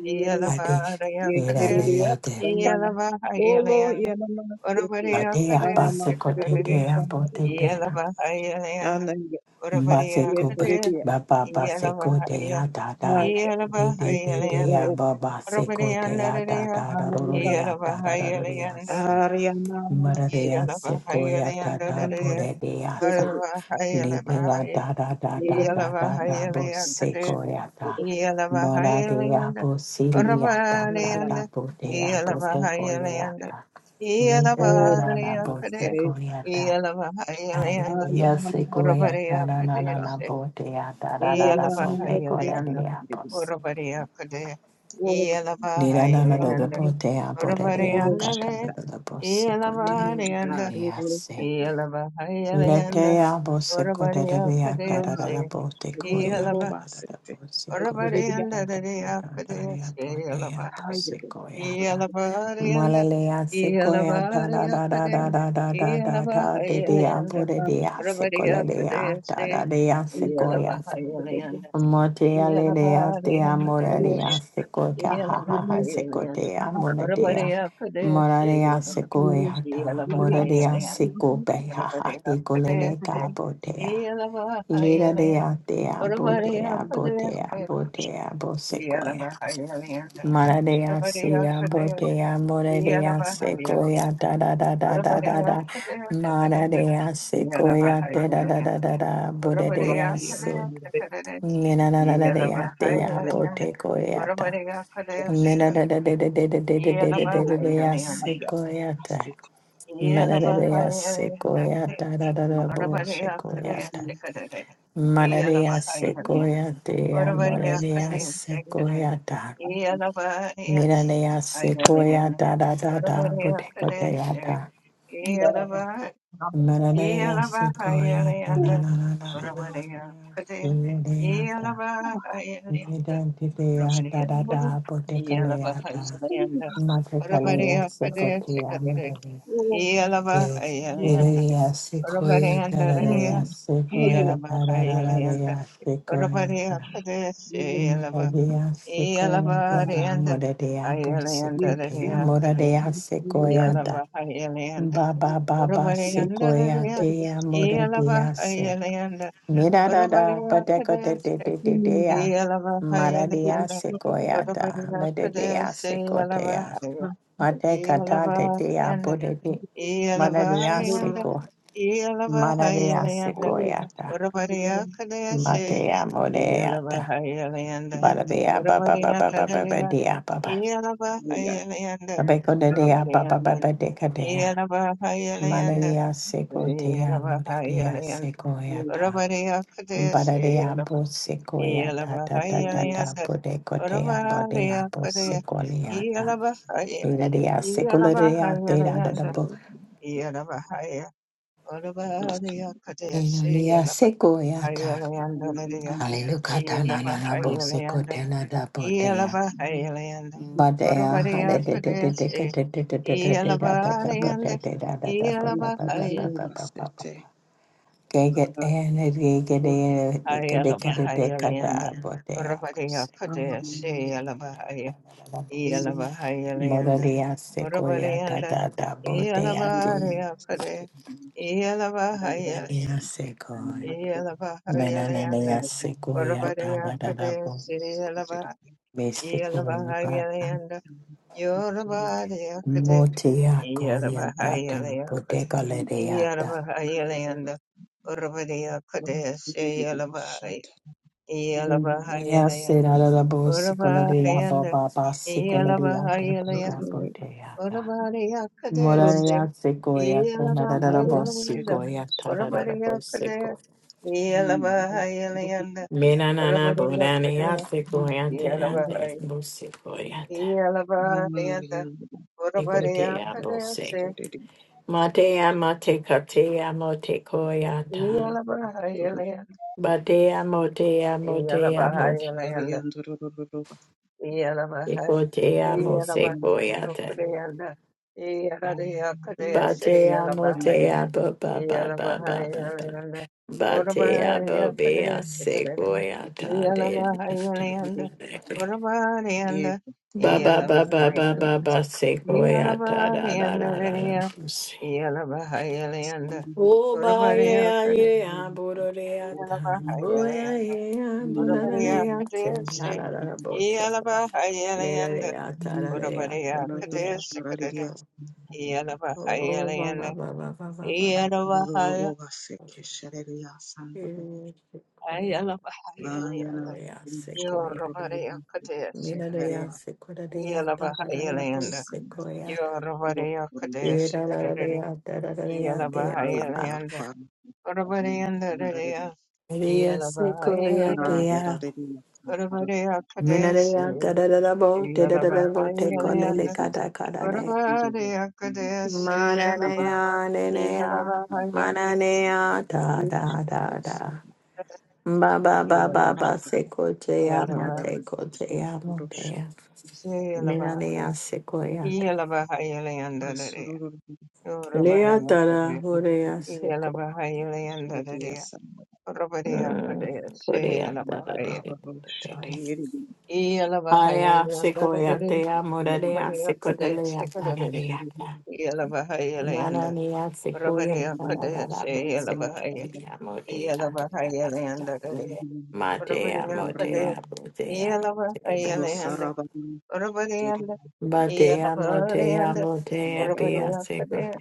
[SPEAKER 3] Yeah.
[SPEAKER 5] bade
[SPEAKER 4] yekereye
[SPEAKER 5] eradea de
[SPEAKER 4] sana Olo, yanama tutuyor.
[SPEAKER 5] badea
[SPEAKER 4] Yanama
[SPEAKER 5] baseco de dea
[SPEAKER 4] tutuşan
[SPEAKER 5] bote
[SPEAKER 4] diyor.
[SPEAKER 5] dea
[SPEAKER 4] Yani
[SPEAKER 5] baseco but
[SPEAKER 4] yekereye
[SPEAKER 5] baba baseco dea da da
[SPEAKER 4] her yer.
[SPEAKER 5] de de de dea
[SPEAKER 4] Yekereye
[SPEAKER 5] baba seco dea da da da
[SPEAKER 4] her yer.
[SPEAKER 5] roria da da da roria
[SPEAKER 4] Her yanama
[SPEAKER 5] Maradea sequoia tata
[SPEAKER 4] tetaniye
[SPEAKER 5] burebeasa.
[SPEAKER 4] tutuyor.
[SPEAKER 5] Lidea da da da da da da da bo sequoia ta. Maradea bosilia da
[SPEAKER 4] Her
[SPEAKER 5] da da
[SPEAKER 4] yanama
[SPEAKER 5] budea bosequoia
[SPEAKER 4] tutuyor.
[SPEAKER 5] ta. Lida na na na
[SPEAKER 4] Oranı
[SPEAKER 5] bo
[SPEAKER 3] Iyalavahariyakade,
[SPEAKER 4] sere.
[SPEAKER 5] sequoia ta.
[SPEAKER 3] Iyalavahayalayanda,
[SPEAKER 4] Her
[SPEAKER 5] Aradea
[SPEAKER 4] yanama tutuyor.
[SPEAKER 5] sequoia ta na na na na
[SPEAKER 3] Uravariyakadeshe,
[SPEAKER 5] bodea da da da da
[SPEAKER 3] Iyalavahayalayanda,
[SPEAKER 5] bodecorea bos.
[SPEAKER 3] Uravariyakade,
[SPEAKER 4] Oranı
[SPEAKER 5] Lida na na da da
[SPEAKER 3] Iyalavahayalayanda,
[SPEAKER 4] tutuyor.
[SPEAKER 5] bodea borea
[SPEAKER 4] Rororosha.
[SPEAKER 3] Uravariyandabe,
[SPEAKER 5] gata da da da bosequoia
[SPEAKER 4] Mm,
[SPEAKER 3] Iyalavariyanda,
[SPEAKER 4] God,
[SPEAKER 5] moradea
[SPEAKER 4] rororosha.
[SPEAKER 5] se.
[SPEAKER 3] Iyalavahayalayanda,
[SPEAKER 5] Letea boseko da da via da da
[SPEAKER 4] Ah,
[SPEAKER 5] da
[SPEAKER 3] Uravariyakadeshe,
[SPEAKER 5] da botecoia
[SPEAKER 3] Iyalava-
[SPEAKER 5] da
[SPEAKER 4] rorororobasete.
[SPEAKER 5] boseko ya
[SPEAKER 4] Ekereria.
[SPEAKER 5] da da da bosecoia da boseko ya da da da da da ya bodea
[SPEAKER 3] Uravariyandadadiyakadeshe,
[SPEAKER 4] Hayro.
[SPEAKER 5] boseko ya da
[SPEAKER 3] Iyalavariyanda,
[SPEAKER 5] malalea seko ya da da da da
[SPEAKER 3] Iyalavariyakkade,
[SPEAKER 5] da da da da da da de de
[SPEAKER 4] Rorororoba.
[SPEAKER 5] ya
[SPEAKER 3] Iyalavahayalayanda,
[SPEAKER 5] bode de
[SPEAKER 4] Rashi.
[SPEAKER 5] ya le de ya da da
[SPEAKER 3] Aravariyakkadeshi,
[SPEAKER 5] de ya
[SPEAKER 4] Hayro.
[SPEAKER 5] seko
[SPEAKER 3] Iyalavahayalayanda,
[SPEAKER 4] Rorororosha.
[SPEAKER 5] Mote aledea te
[SPEAKER 3] Iyalavariyakkadeshi,
[SPEAKER 5] amoradea
[SPEAKER 4] Rororosha.
[SPEAKER 5] seco cahaha
[SPEAKER 4] Ekereria.
[SPEAKER 3] Iyalavahayalayanda,
[SPEAKER 5] secotea
[SPEAKER 4] Shabarakos.
[SPEAKER 5] monadea
[SPEAKER 3] Aravariyakkadeshi,
[SPEAKER 5] moradea
[SPEAKER 4] Rororosha.
[SPEAKER 5] secoeata
[SPEAKER 3] Iyalava-
[SPEAKER 4] Ekereria.
[SPEAKER 5] moradea
[SPEAKER 3] Iyalavahayalayanda,
[SPEAKER 5] seco
[SPEAKER 4] Rorororoba.
[SPEAKER 5] behaha ecolene
[SPEAKER 3] Aravariyakkadeshi,
[SPEAKER 4] Ekereria.
[SPEAKER 5] cabotea
[SPEAKER 3] Iyalavahayalayanda,
[SPEAKER 5] liradea
[SPEAKER 3] Aravariyakkadeshi, Iyalavahayalayanda,
[SPEAKER 5] tea
[SPEAKER 4] Ekereria.
[SPEAKER 5] botea botea
[SPEAKER 3] Aravariyakkadeshi,
[SPEAKER 4] Rorororosha.
[SPEAKER 5] botea bosecoeata
[SPEAKER 4] Ekereria.
[SPEAKER 5] maradea sea botea moradea
[SPEAKER 3] Iyalavahayalayanda.
[SPEAKER 5] secoeata da da da da da da
[SPEAKER 3] Orabariya
[SPEAKER 5] da,
[SPEAKER 3] kadaya sakade,
[SPEAKER 5] maradea secoeata da da
[SPEAKER 3] yalabahayalayan.
[SPEAKER 5] da da da bodea
[SPEAKER 3] Orabariya
[SPEAKER 4] Coronavirus.
[SPEAKER 3] kadaya sakade,
[SPEAKER 5] Nena na na na de ya de ya bo
[SPEAKER 3] yalabahayalayan.
[SPEAKER 5] te ko ya
[SPEAKER 4] Rorororosha.
[SPEAKER 5] ta.
[SPEAKER 3] Orabariya kadaya
[SPEAKER 5] Nena
[SPEAKER 3] sakade,
[SPEAKER 5] na na de de de de de de de de de
[SPEAKER 4] Oh
[SPEAKER 5] de de ya
[SPEAKER 3] yalabahayalayan.
[SPEAKER 5] se
[SPEAKER 4] yeah,
[SPEAKER 5] ko ya
[SPEAKER 4] that's
[SPEAKER 5] ta.
[SPEAKER 4] it.
[SPEAKER 5] Ma na de ya se ko ya
[SPEAKER 3] Yalabahayalayan.
[SPEAKER 5] ta da da
[SPEAKER 4] Yeah,
[SPEAKER 5] da bo se
[SPEAKER 3] Orabariya
[SPEAKER 5] ko
[SPEAKER 4] yeah,
[SPEAKER 5] ya
[SPEAKER 3] kadaya
[SPEAKER 5] ta.
[SPEAKER 4] yeah.
[SPEAKER 3] sakade,
[SPEAKER 5] Ma na de ya se ko
[SPEAKER 4] Oh,
[SPEAKER 3] yalabahayalayan.
[SPEAKER 5] ya te ya mo na
[SPEAKER 3] Orabariya
[SPEAKER 5] de ya
[SPEAKER 4] I'm
[SPEAKER 3] kadaya
[SPEAKER 5] se ko
[SPEAKER 3] sakade,
[SPEAKER 5] ya ta. Mi
[SPEAKER 3] yalabahayalayan.
[SPEAKER 5] na de ya se ko ya ta da da da bo
[SPEAKER 3] Orabariya
[SPEAKER 5] te ko te
[SPEAKER 3] kadaya
[SPEAKER 5] ya ta.
[SPEAKER 4] a
[SPEAKER 3] sakade,
[SPEAKER 5] Ma na de ya se ko ya ta da
[SPEAKER 3] Yalabahayalanda,
[SPEAKER 5] da da da da da da.
[SPEAKER 3] Brahmaniya
[SPEAKER 5] Mi
[SPEAKER 3] Kade,
[SPEAKER 5] na de ya ta.
[SPEAKER 3] Yalabahayalanda,
[SPEAKER 5] Nidantitea
[SPEAKER 3] Brahmaniya Kade,
[SPEAKER 4] little-
[SPEAKER 5] dadada botekaleata
[SPEAKER 3] Yalabahayalanda,
[SPEAKER 4] I think
[SPEAKER 5] matekalea
[SPEAKER 3] Brahmaniya
[SPEAKER 4] it's
[SPEAKER 3] Kade,
[SPEAKER 4] something.
[SPEAKER 5] sukotia
[SPEAKER 3] Shikadade,
[SPEAKER 5] mirare.
[SPEAKER 4] Oh, I'm over
[SPEAKER 3] Yalabahayalanda,
[SPEAKER 4] it.
[SPEAKER 5] Mirarea sequoia
[SPEAKER 3] Brahmaniyanda Radeya,
[SPEAKER 5] dadadea
[SPEAKER 4] Mm. How are you?
[SPEAKER 5] sequoia
[SPEAKER 4] Yes.
[SPEAKER 3] Yalabahayalanda,
[SPEAKER 5] dadadadadea sequoia
[SPEAKER 3] Brahmaniya
[SPEAKER 5] dada.
[SPEAKER 3] Kade,
[SPEAKER 4] Yes.
[SPEAKER 3] Shayalaba,
[SPEAKER 4] Um,
[SPEAKER 5] Moradea sequoia
[SPEAKER 4] yeah.
[SPEAKER 5] dada
[SPEAKER 3] Yalabahayalanda,
[SPEAKER 5] moradea bo
[SPEAKER 4] Yes,
[SPEAKER 3] Ayalanda
[SPEAKER 5] sequoia
[SPEAKER 4] yes,
[SPEAKER 3] Radeya Kade,
[SPEAKER 5] moradea
[SPEAKER 4] yes, really.
[SPEAKER 5] sequoia
[SPEAKER 4] And I'm
[SPEAKER 5] da.
[SPEAKER 4] tired of it.
[SPEAKER 5] Baba baba
[SPEAKER 4] Yes,
[SPEAKER 5] sequoia
[SPEAKER 4] yes,
[SPEAKER 3] Orabariyandalaya,
[SPEAKER 4] yes.
[SPEAKER 5] dea moradea se.
[SPEAKER 3] Iyalabahayalayanda,
[SPEAKER 5] Mi da da da, but de go de de
[SPEAKER 3] Orabariyakadese,
[SPEAKER 5] de de de
[SPEAKER 4] Mm.
[SPEAKER 5] ya.
[SPEAKER 4] Oh, I'm
[SPEAKER 5] Maradia
[SPEAKER 3] Iyalabahayalayanda,
[SPEAKER 4] sure of it.
[SPEAKER 5] sequoyata, mededea
[SPEAKER 3] Orabariyakadese,
[SPEAKER 5] sequotea,
[SPEAKER 4] I'm
[SPEAKER 3] Iyalabahaya,
[SPEAKER 5] matecata de dea
[SPEAKER 3] Iyalabahayalayanda,
[SPEAKER 5] budedi, maradia
[SPEAKER 4] sure of
[SPEAKER 3] Iyalabahayalayanda,
[SPEAKER 4] it.
[SPEAKER 5] seco, maradia
[SPEAKER 3] Iyalabahayalayanda,
[SPEAKER 4] Oh, I'm
[SPEAKER 5] sequoyata,
[SPEAKER 4] tired of
[SPEAKER 3] Orabariyakadese,
[SPEAKER 5] matea modeata,
[SPEAKER 3] Iyalabahayalayanda,
[SPEAKER 5] barabea baba baba baba
[SPEAKER 3] Orabariyandalaya,
[SPEAKER 5] dea baba,
[SPEAKER 4] it.
[SPEAKER 3] Iyalabahayalayanda,
[SPEAKER 5] abeco de
[SPEAKER 4] Shut
[SPEAKER 5] dea baba
[SPEAKER 3] Orabariyanda,
[SPEAKER 5] baba decadea,
[SPEAKER 3] Iyalabahayalayanda,
[SPEAKER 5] maradia sequotea,
[SPEAKER 3] Yalabahaya,
[SPEAKER 5] moredia
[SPEAKER 3] Yalabahaya,
[SPEAKER 5] sequoyata. Bararia bosecoia ta ta ta ta ta bodecotea bodea bosecoleata. Bararia secularia te da da da bo. Enonia secoia ta. Hallelujah ta na na na bosecotena da bodea. Badea hada de de de de de de de de de de da da da bo de de da da da bo da ba ba ba ba ba ba ba.
[SPEAKER 3] Ayala Bahaya Linda, Urabadiya Kudea Shayala Bahaya, Yala
[SPEAKER 5] Moraria
[SPEAKER 3] Bahaya Linda,
[SPEAKER 5] sequoia da
[SPEAKER 3] Urabadianda,
[SPEAKER 5] da da
[SPEAKER 3] Yala
[SPEAKER 5] bodea de
[SPEAKER 3] Bahaya Kudea, Yala Bahaya,
[SPEAKER 5] Maria sequoia. Menanania sequoia da da bote ya de ya se koya.
[SPEAKER 3] Yala Bahaya
[SPEAKER 5] Mena ne ne
[SPEAKER 3] Linda,
[SPEAKER 5] ya se koya da
[SPEAKER 3] Urabadiya
[SPEAKER 5] da da da
[SPEAKER 3] Kudea
[SPEAKER 5] bo.
[SPEAKER 3] Shayala Bahaya,
[SPEAKER 5] Me
[SPEAKER 3] Yala
[SPEAKER 5] sequoia
[SPEAKER 3] Bahaya
[SPEAKER 5] pata.
[SPEAKER 3] Linda, Yorubadiya Kudea,
[SPEAKER 5] Motia
[SPEAKER 3] Yala
[SPEAKER 5] coia pata.
[SPEAKER 3] Bahaya Kudea,
[SPEAKER 5] Boteca
[SPEAKER 3] Yala
[SPEAKER 5] ledeata.
[SPEAKER 3] Bahaya Linda, Urabadiya Kudea
[SPEAKER 5] Mea
[SPEAKER 3] Iyalabahayalayandu,
[SPEAKER 5] sera da Ya se da bo sequoia ba
[SPEAKER 3] Urabahayanda,
[SPEAKER 5] ba ba sequoia da da da
[SPEAKER 3] Iyalabahayalayandu,
[SPEAKER 5] bodea.
[SPEAKER 3] Urabariyakadesi,
[SPEAKER 5] Moraya sequoia, tanarabo
[SPEAKER 3] Iyalabahayalayandu,
[SPEAKER 5] sequoia, tararabo
[SPEAKER 3] Urabariyakadesi,
[SPEAKER 5] sequo.
[SPEAKER 3] Iyalabahayalayandu,
[SPEAKER 5] Menanana bonania
[SPEAKER 3] Urabariyakadesi,
[SPEAKER 5] sequoia, teate,
[SPEAKER 3] Iyalabahay-
[SPEAKER 5] bosequoia,
[SPEAKER 3] Iyalabahayanda,
[SPEAKER 5] egotea bose.
[SPEAKER 3] Urabariyakadesi,
[SPEAKER 5] Matea matecatea motecoiata.
[SPEAKER 3] Iyalabahayalayanda,
[SPEAKER 5] Batea motea motea mote.
[SPEAKER 3] Iyalabahayalayandu. Yeah.
[SPEAKER 5] Egotea mosequoiata. Batea motea ba ba ba ba ba ba. Batea Bobia Sequoia Tade. Ba ba ba ba ba ba ba Sequoia ta da da da da da. Oh ba yeah yeah Bodorea ta. Oh yeah yeah Bodorea ta. Da da da da bo Sequoia. Le da le da ta la le da da
[SPEAKER 3] Orabariya
[SPEAKER 5] da
[SPEAKER 4] Ratos
[SPEAKER 5] le da.
[SPEAKER 3] Kadesi Kadere
[SPEAKER 5] Echo.
[SPEAKER 4] Radias
[SPEAKER 5] Oh ba
[SPEAKER 3] Yalabahayalanda
[SPEAKER 5] ba ba ba ba ba ba ba.
[SPEAKER 3] Yalabahaya
[SPEAKER 4] Rova Sick
[SPEAKER 5] Okay.
[SPEAKER 4] Sharia Sandra
[SPEAKER 5] Sequoia. Da da
[SPEAKER 3] Ayalabahayalanda
[SPEAKER 4] Vayana
[SPEAKER 5] da
[SPEAKER 4] Shri
[SPEAKER 5] Sequoia.
[SPEAKER 3] Yorabariya Kadesi
[SPEAKER 5] Mira de
[SPEAKER 3] Kadere
[SPEAKER 5] ya
[SPEAKER 4] Jagarea
[SPEAKER 5] se cura de ya ta ta ta ta po
[SPEAKER 3] Yalabahayalanda
[SPEAKER 5] se coya ta.
[SPEAKER 3] Yorabariya Kadesi
[SPEAKER 5] Mira la de
[SPEAKER 3] Kadere
[SPEAKER 5] ya ta ta ta de ya que ya
[SPEAKER 4] Aya
[SPEAKER 5] pa pa.
[SPEAKER 3] Yalabahayalanda
[SPEAKER 4] Barbar
[SPEAKER 3] Orabariyanda
[SPEAKER 4] Yandarin
[SPEAKER 3] Raya
[SPEAKER 5] Mira ya se coya de
[SPEAKER 3] Yalabahayalanda
[SPEAKER 5] ya.
[SPEAKER 4] Ayararin
[SPEAKER 3] Orabariya
[SPEAKER 5] Mira de
[SPEAKER 3] Kadesi
[SPEAKER 5] ya ta ta ta ta po te da da da bo te ko le
[SPEAKER 3] Yalabahayalanda
[SPEAKER 5] ca
[SPEAKER 4] Yandarin
[SPEAKER 5] ta ca ta de ya.
[SPEAKER 3] Orabariya Kadesi
[SPEAKER 5] Mara de ya de de ya.
[SPEAKER 3] Yalabahayalanda
[SPEAKER 5] Mara de ya da da da da Ba ba ba ba
[SPEAKER 3] Iyalaba,
[SPEAKER 5] ba se coche ya mo
[SPEAKER 3] iyalaba,
[SPEAKER 5] te ko te ya mo te ya.
[SPEAKER 3] siyalaba,
[SPEAKER 5] Mira de ya se coya ta.
[SPEAKER 3] iyalaba hayilayandadariya,
[SPEAKER 5] Le ya ta la,
[SPEAKER 3] yorobariyapadaya,
[SPEAKER 5] ore ya se ko.
[SPEAKER 3] iyalaba hayilayandadariya,
[SPEAKER 5] Mm,
[SPEAKER 3] orobariyapadaya,
[SPEAKER 5] Korea,
[SPEAKER 3] siyalaba
[SPEAKER 5] da, da, da, da,
[SPEAKER 3] haya,
[SPEAKER 5] da, da, da, da.
[SPEAKER 3] iyalaba
[SPEAKER 5] Aya, sequoia,
[SPEAKER 3] hayilayandadariya,
[SPEAKER 5] dea, moradia, sequoia,
[SPEAKER 3] yorobariyapadaya,
[SPEAKER 5] da, da,
[SPEAKER 3] sikadadariya,
[SPEAKER 5] da, da.
[SPEAKER 3] iyalaba hayilayanda,
[SPEAKER 5] Manania, sequoia, da, da,
[SPEAKER 3] orobariyapadaya,
[SPEAKER 5] da, da, bo,
[SPEAKER 3] siyalaba haya,
[SPEAKER 5] sequoia, motea,
[SPEAKER 3] iyalaba
[SPEAKER 5] da, da, da, da, da.
[SPEAKER 3] hayilayandadariya,
[SPEAKER 5] Matea,
[SPEAKER 3] orobariyapadaya,
[SPEAKER 5] motea, botea,
[SPEAKER 3] iyalaba
[SPEAKER 5] motea, ba, ba, ba.
[SPEAKER 3] hayilayanda. Orabadiya under,
[SPEAKER 5] Batea,
[SPEAKER 3] Iyalabaha orabadiya
[SPEAKER 5] motea,
[SPEAKER 3] under,
[SPEAKER 5] motea, bea,
[SPEAKER 3] Orabadiya
[SPEAKER 5] sequoia,
[SPEAKER 3] kadeya,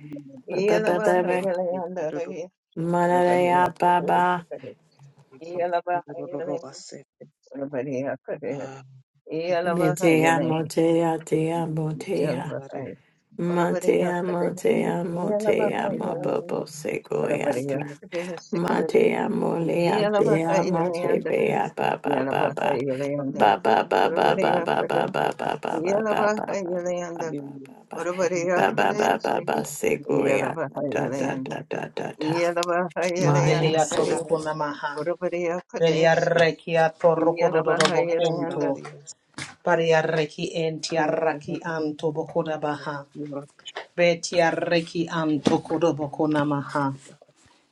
[SPEAKER 5] ba, ba, ba, ba,
[SPEAKER 3] Iyalabaha
[SPEAKER 5] ba.
[SPEAKER 3] Iyalayanda, Orabadiya
[SPEAKER 5] Manania,
[SPEAKER 3] kadeya,
[SPEAKER 5] baba,
[SPEAKER 3] Iyalabaha Iyalayanda, Orabadiya kadeya, Iyalabaha
[SPEAKER 5] metea,
[SPEAKER 3] Iyalayanda,
[SPEAKER 5] motea, dea, motea.
[SPEAKER 3] Orabadiya
[SPEAKER 5] Matea,
[SPEAKER 3] kadeya,
[SPEAKER 5] matea,
[SPEAKER 3] Iyalabaha
[SPEAKER 5] motea,
[SPEAKER 3] Iyalayanda,
[SPEAKER 5] mabobo,
[SPEAKER 3] Orabadiya
[SPEAKER 5] segoyata.
[SPEAKER 3] kadeya, Iyalabaha Iyalayanda, Orabadiya kadeya,
[SPEAKER 5] Matea, molea,
[SPEAKER 3] Iyalabaha
[SPEAKER 5] dea, mate,
[SPEAKER 3] Iyalayanda,
[SPEAKER 5] bea, ba, ba, ba, ba. Ba, ba, ba, ba, ba, ba, ba, ba, ba, ba, ba, ba, ba, ba, ba, ba, ba, ba, ba,
[SPEAKER 3] Orabadiya
[SPEAKER 5] ba, ba,
[SPEAKER 3] kadeya,
[SPEAKER 5] ba, ba, segoyata,
[SPEAKER 3] Iyalabaha
[SPEAKER 5] da, da,
[SPEAKER 3] Iyalayanda.
[SPEAKER 5] da, da, da,
[SPEAKER 3] I
[SPEAKER 5] da.
[SPEAKER 3] will
[SPEAKER 5] Maya,
[SPEAKER 2] Rehia
[SPEAKER 5] say.
[SPEAKER 2] tobokuna maha. Beria rekia torokododo bokunto. Paria reki entia raki anto bokuda baha. Betia reki anto kodobokuna maha.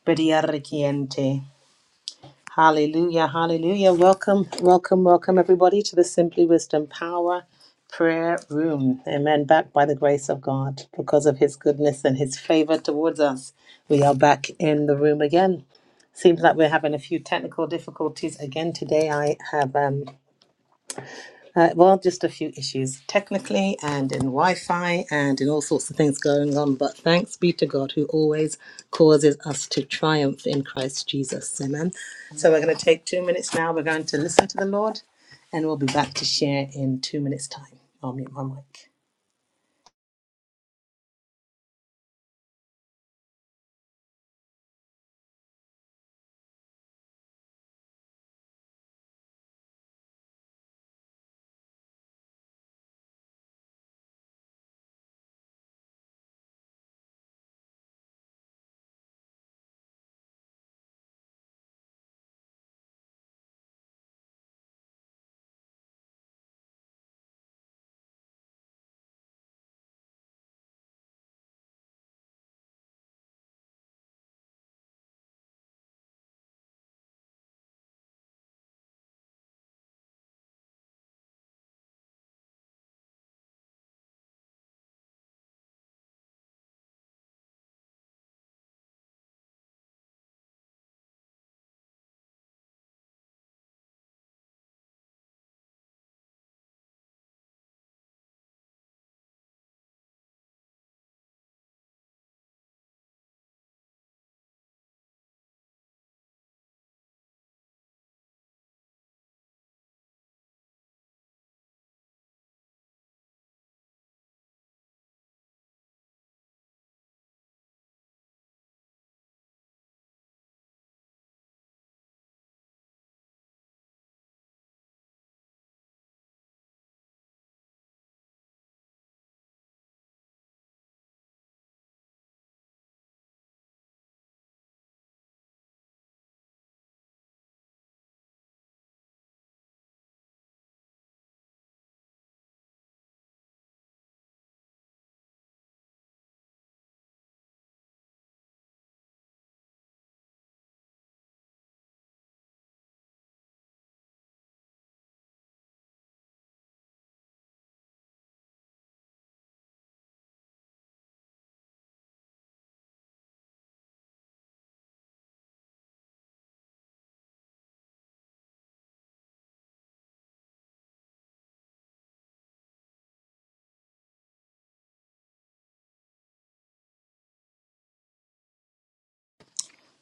[SPEAKER 2] Beria rekiente. Hallelujah, hallelujah. Welcome, welcome, welcome, everybody, to the Simply Wisdom Power Prayer Room. Amen. Back by the grace of God, because of His goodness and His favor towards us, we are back in the room again. Seems like we're having a few technical difficulties again today. I have um, uh, well, just a few issues technically and in Wi Fi and in all sorts of things going on. But thanks be to God who always causes us to triumph in Christ Jesus. Amen. So we're going to take two minutes now. We're going to listen to the Lord and we'll be back to share in two minutes' time. I'll mute my mic.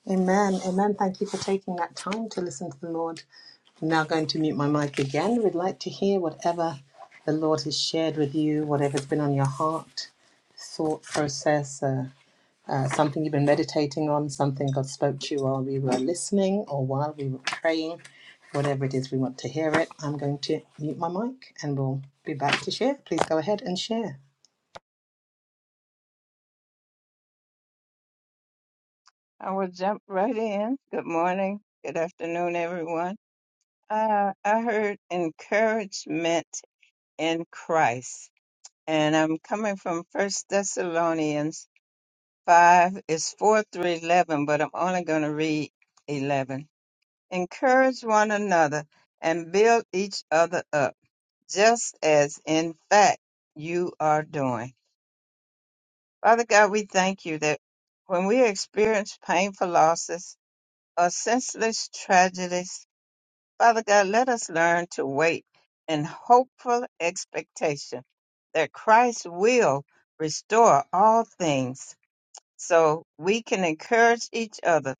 [SPEAKER 2] Amen. Amen. Thank you for taking that time to listen to the Lord. I'm now going to mute my mic again. We'd like to hear whatever the Lord has shared with you, whatever's been on your heart, thought process. uh, uh, something you've been meditating on, something God spoke to you while we were listening or while we were praying, whatever it is we want to hear it, I'm going to mute my mic and we'll be back to share. Please go ahead and share.
[SPEAKER 3] jump right in. Good morning. Good afternoon, everyone. Uh, I heard encouragement in Christ, and I'm coming from First Thessalonians 5. It's 4 through 11, but I'm only going to read 11. Encourage one another and build each other up, just as in fact you are doing. Father God, we thank you that when we experience painful losses or senseless tragedies, Father God, let us learn to wait in hopeful expectation that Christ will restore all things so we can encourage each other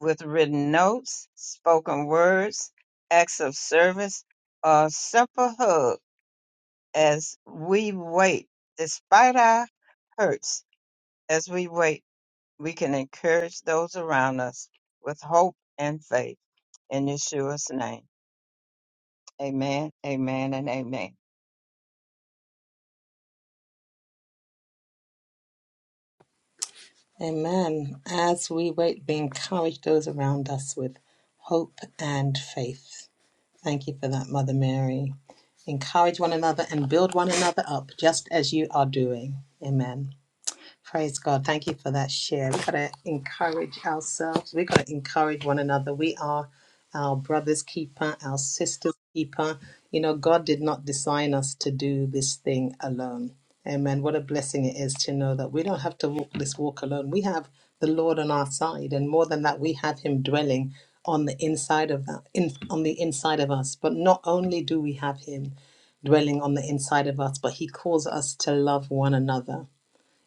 [SPEAKER 3] with written notes, spoken words, acts of service, or simple hug as we wait, despite our hurts, as we wait we can encourage those around us with hope and faith in Yeshua's name. Amen, amen, and amen.
[SPEAKER 2] Amen. As we wait, we encourage those around us with hope and faith. Thank you for that, Mother Mary. Encourage one another and build one another up, just as you are doing. Amen. Praise God. Thank you for that share. We've got to encourage ourselves. We've got to encourage one another. We are our brother's keeper, our sister's keeper. You know, God did not design us to do this thing alone. Amen. What a blessing it is to know that we don't have to walk this walk alone. We have the Lord on our side, and more than that, we have Him dwelling on the inside of that, in, on the inside of us. But not only do we have Him dwelling on the inside of us, but He calls us to love one another.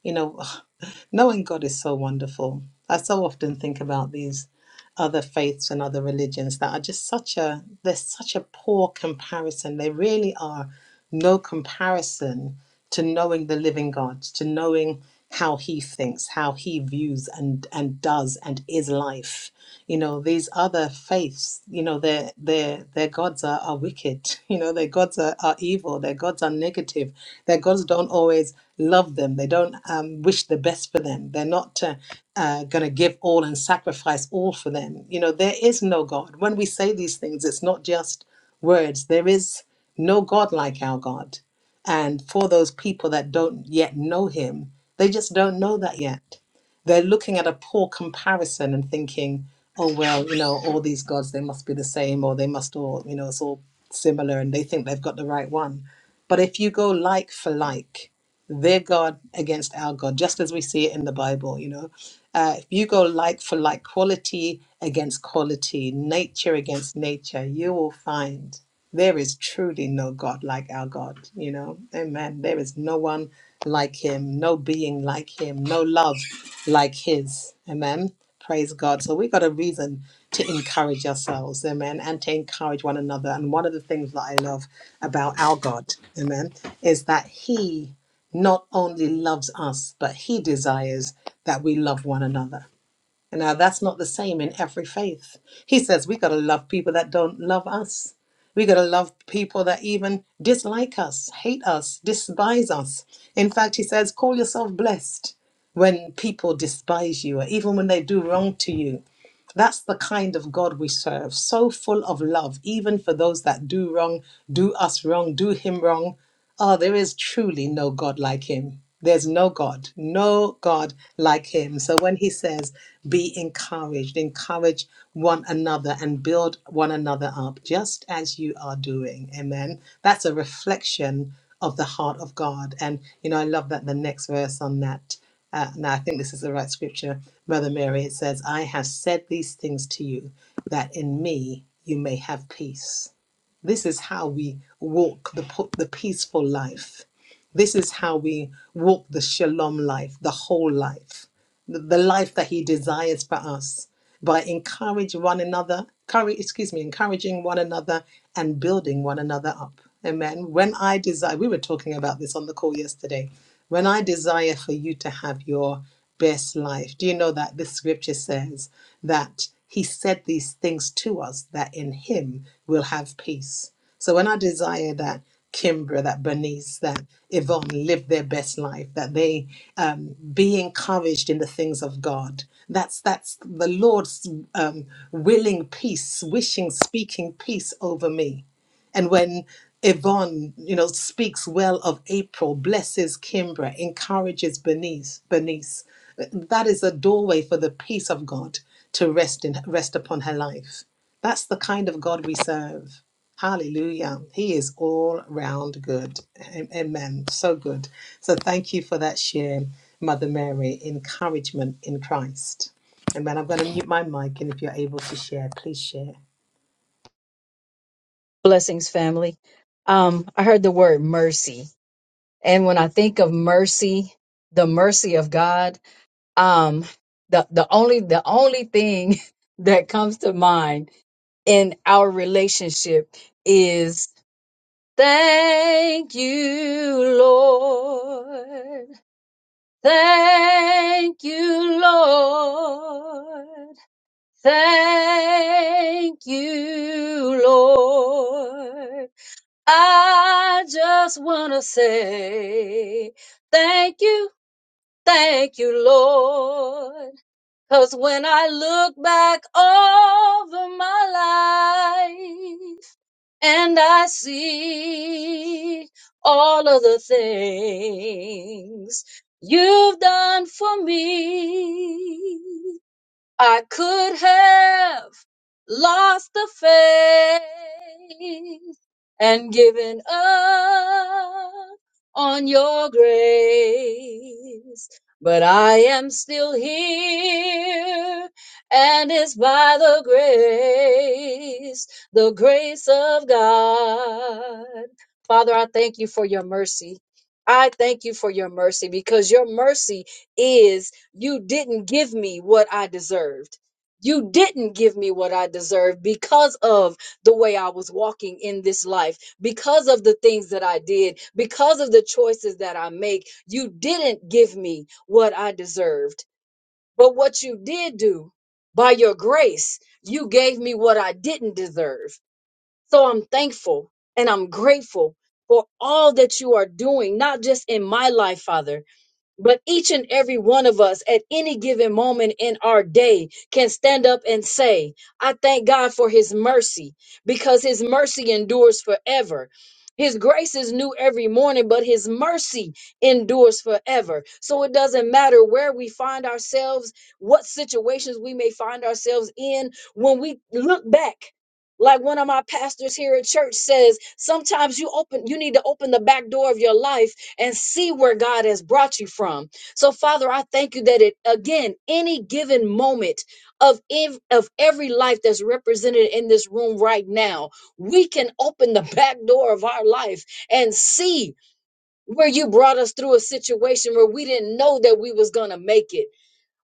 [SPEAKER 2] You know, knowing God is so wonderful. I so often think about these other faiths and other religions that are just such a there's such a poor comparison. They really are no comparison to knowing the living God, to knowing how he thinks, how he views and and does and is life you know these other faiths you know their their their gods are, are wicked you know their gods are, are evil their gods are negative their gods don't always love them they don't um, wish the best for them they're not uh, uh, going to give all and sacrifice all for them you know there is no god when we say these things it's not just words there is no god like our god and for those people that don't yet know him they just don't know that yet they're looking at a poor comparison and thinking oh well you know all these gods they must be the same or they must all you know it's all similar and they think they've got the right one but if you go like for like their god against our god just as we see it in the bible you know uh, if you go like for like quality against quality nature against nature you will find there is truly no god like our god you know amen there is no one like him no being like him no love like his. Amen. Praise God. So we got a reason to encourage ourselves, amen, and to encourage one another. And one of the things that I love about our God, amen, is that he not only loves us, but he desires that we love one another. Now, that's not the same in every faith. He says we got to love people that don't love us. We got to love people that even dislike us, hate us, despise us. In fact, he says, call yourself blessed when people despise you, or even when they do wrong to you. That's the kind of God we serve, so full of love, even for those that do wrong, do us wrong, do him wrong. Ah, there is truly no God like him. There's no God, no God like him. So when he says, be encouraged, encourage one another and build one another up, just as you are doing. Amen. That's a reflection of the heart of God. And, you know, I love that the next verse on that. Uh, now, I think this is the right scripture, Mother Mary. It says, I have said these things to you, that in me you may have peace. This is how we walk the, po- the peaceful life. This is how we walk the shalom life, the whole life, the, the life that He desires for us by encourage one another, courage, excuse me, encouraging one another and building one another up. Amen. When I desire, we were talking about this on the call yesterday. When I desire for you to have your best life, do you know that the scripture says that He said these things to us that in Him we'll have peace? So when I desire that Kimbra, that Bernice, that Yvonne live their best life, that they um, be encouraged in the things of God. That's that's the Lord's um, willing peace, wishing, speaking peace over me. And when Yvonne, you know, speaks well of April, blesses Kimbra, encourages Bernice, Bernice, that is a doorway for the peace of God to rest in rest upon her life. That's the kind of God we serve. Hallelujah. He is all round good. Am- Amen. So good. So thank you for that share, Mother Mary. Encouragement in Christ. Amen. I'm going to mute my mic, and if you're able to share, please share.
[SPEAKER 6] blessings family um i heard the word mercy and when i think of mercy the mercy of god um the the only the only thing that comes to mind in our relationship is thank you lord thank you lord thank you lord I just want to say thank you, thank you, Lord. Cause when I look back over my life and I see all of the things you've done for me, I could have lost the faith and given up on your grace. But I am still here, and it's by the grace, the grace of God. Father, I thank you for your mercy. I thank you for your mercy because your mercy is you didn't give me what I deserved. You didn't give me what I deserved because of the way I was walking in this life, because of the things that I did, because of the choices that I make. You didn't give me what I deserved. But what you did do, by your grace, you gave me what I didn't deserve. So I'm thankful and I'm grateful for all that you are doing, not just in my life, Father but each and every one of us at any given moment in our day can stand up and say, I thank God for his mercy because his mercy endures forever. His grace is new every morning, but his mercy endures forever. So it doesn't matter where we find ourselves, what situations we may find ourselves in. When we look back, like one of my pastors here at church says, sometimes you open you need to open the back door of your life and see where God has brought you from. So, Father, I thank you that it again, any given moment of ev- of every life that's represented in this room right now, we can open the back door of our life and see where you brought us through a situation where we didn't know that we was gonna make it,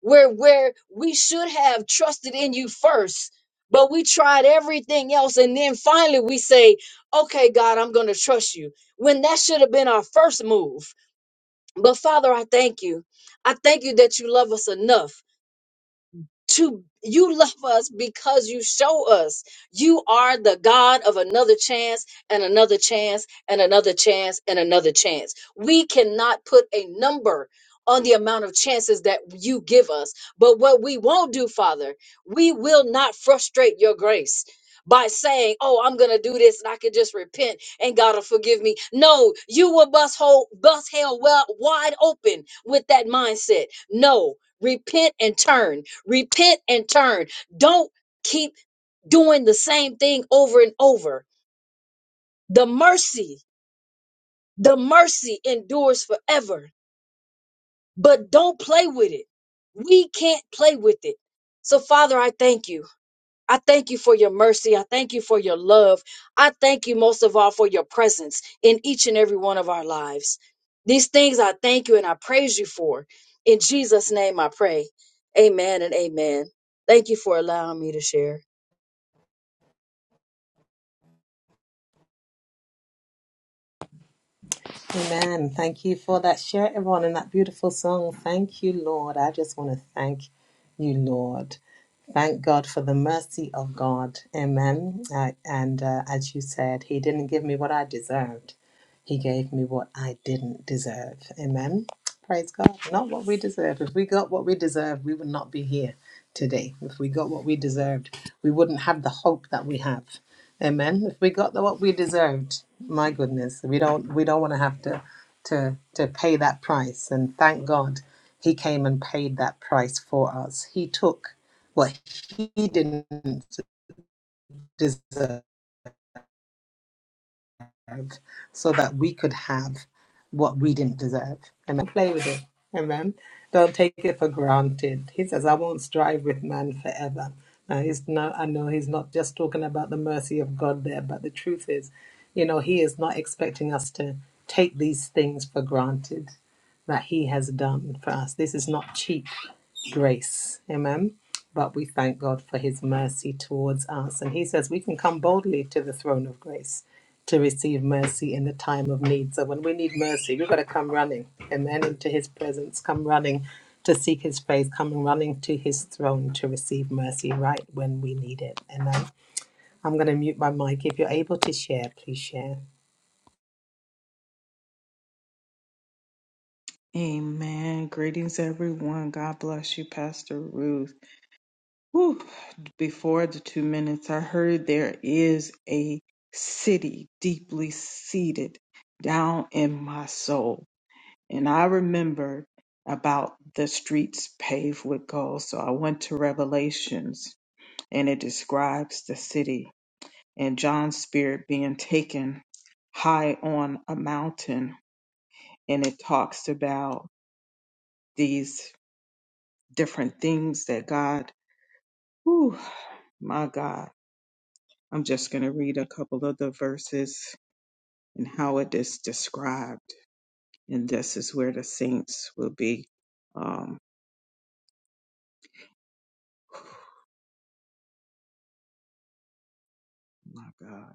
[SPEAKER 6] where where we should have trusted in you first. But we tried everything else. And then finally we say, okay, God, I'm going to trust you. When that should have been our first move but Father, I thank you. I thank you that you love us enough to you love us because you show us you are the God of another chance and another chance and another chance and another chance. We cannot put a number on the amount of chances that you give us. But what we won't do, Father, we will not frustrate your grace by saying, Oh, I'm gonna do this and I can just repent and God will forgive me. No, you will bust whole bust hell well wide open with that mindset. No, Repent and turn. Repent and turn. Don't keep doing the same thing over and over. The mercy, the mercy endures forever, but don't play with it. We can't play with it. So, Father, I thank you. I thank you for your mercy. I thank you for your love. I thank you most of all for your presence in each and every one of our lives. These things I thank you and I praise you for. In Jesus' name I pray. Amen and amen. Thank you for allowing me to share.
[SPEAKER 2] Amen. Thank you for that share, everyone, and that beautiful song. Thank you, Lord. I just want to thank you, Lord. Thank God for the mercy of God. Amen. I, and uh, as you said, He didn't give me what I deserved, He gave me what I didn't deserve. Amen. Praise God. Not what we deserve. If we got what we deserve, we would not be here today. If we got what we deserved, we wouldn't have the hope that we have. Amen. If we got the, what we deserved, my goodness, we don't we don't want to have to to to pay that price. And thank God, He came and paid that price for us. He took what He didn't deserve so that we could have what we didn't deserve. Amen. Play with it. Amen. Don't take it for granted. He says, I won't strive with man forever. Now, he's not, I know he's not just talking about the mercy of God there, but the truth is, you know, he is not expecting us to take these things for granted that he has done for us. This is not cheap grace. Amen. But we thank God for his mercy towards us. And he says we can come boldly to the throne of grace to receive mercy in the time of need. So when we need mercy, we've got to come running, amen, into his presence, come running to seek his face, come running to his throne to receive mercy right when we need it. Amen. I'm going to mute my mic. If you're able to share, please share.
[SPEAKER 4] Amen. Greetings, everyone. God bless you, Pastor Ruth. Whew, before the two minutes, I heard there is a city deeply seated down in my soul. And I remembered about the streets paved with gold. So I went to Revelations and it describes the city and John's spirit being taken high on a mountain. And it talks about these different things that God, whew, my God. I'm just going to read a couple of the verses and how it is described. And this is where the saints will be. Um, oh my God.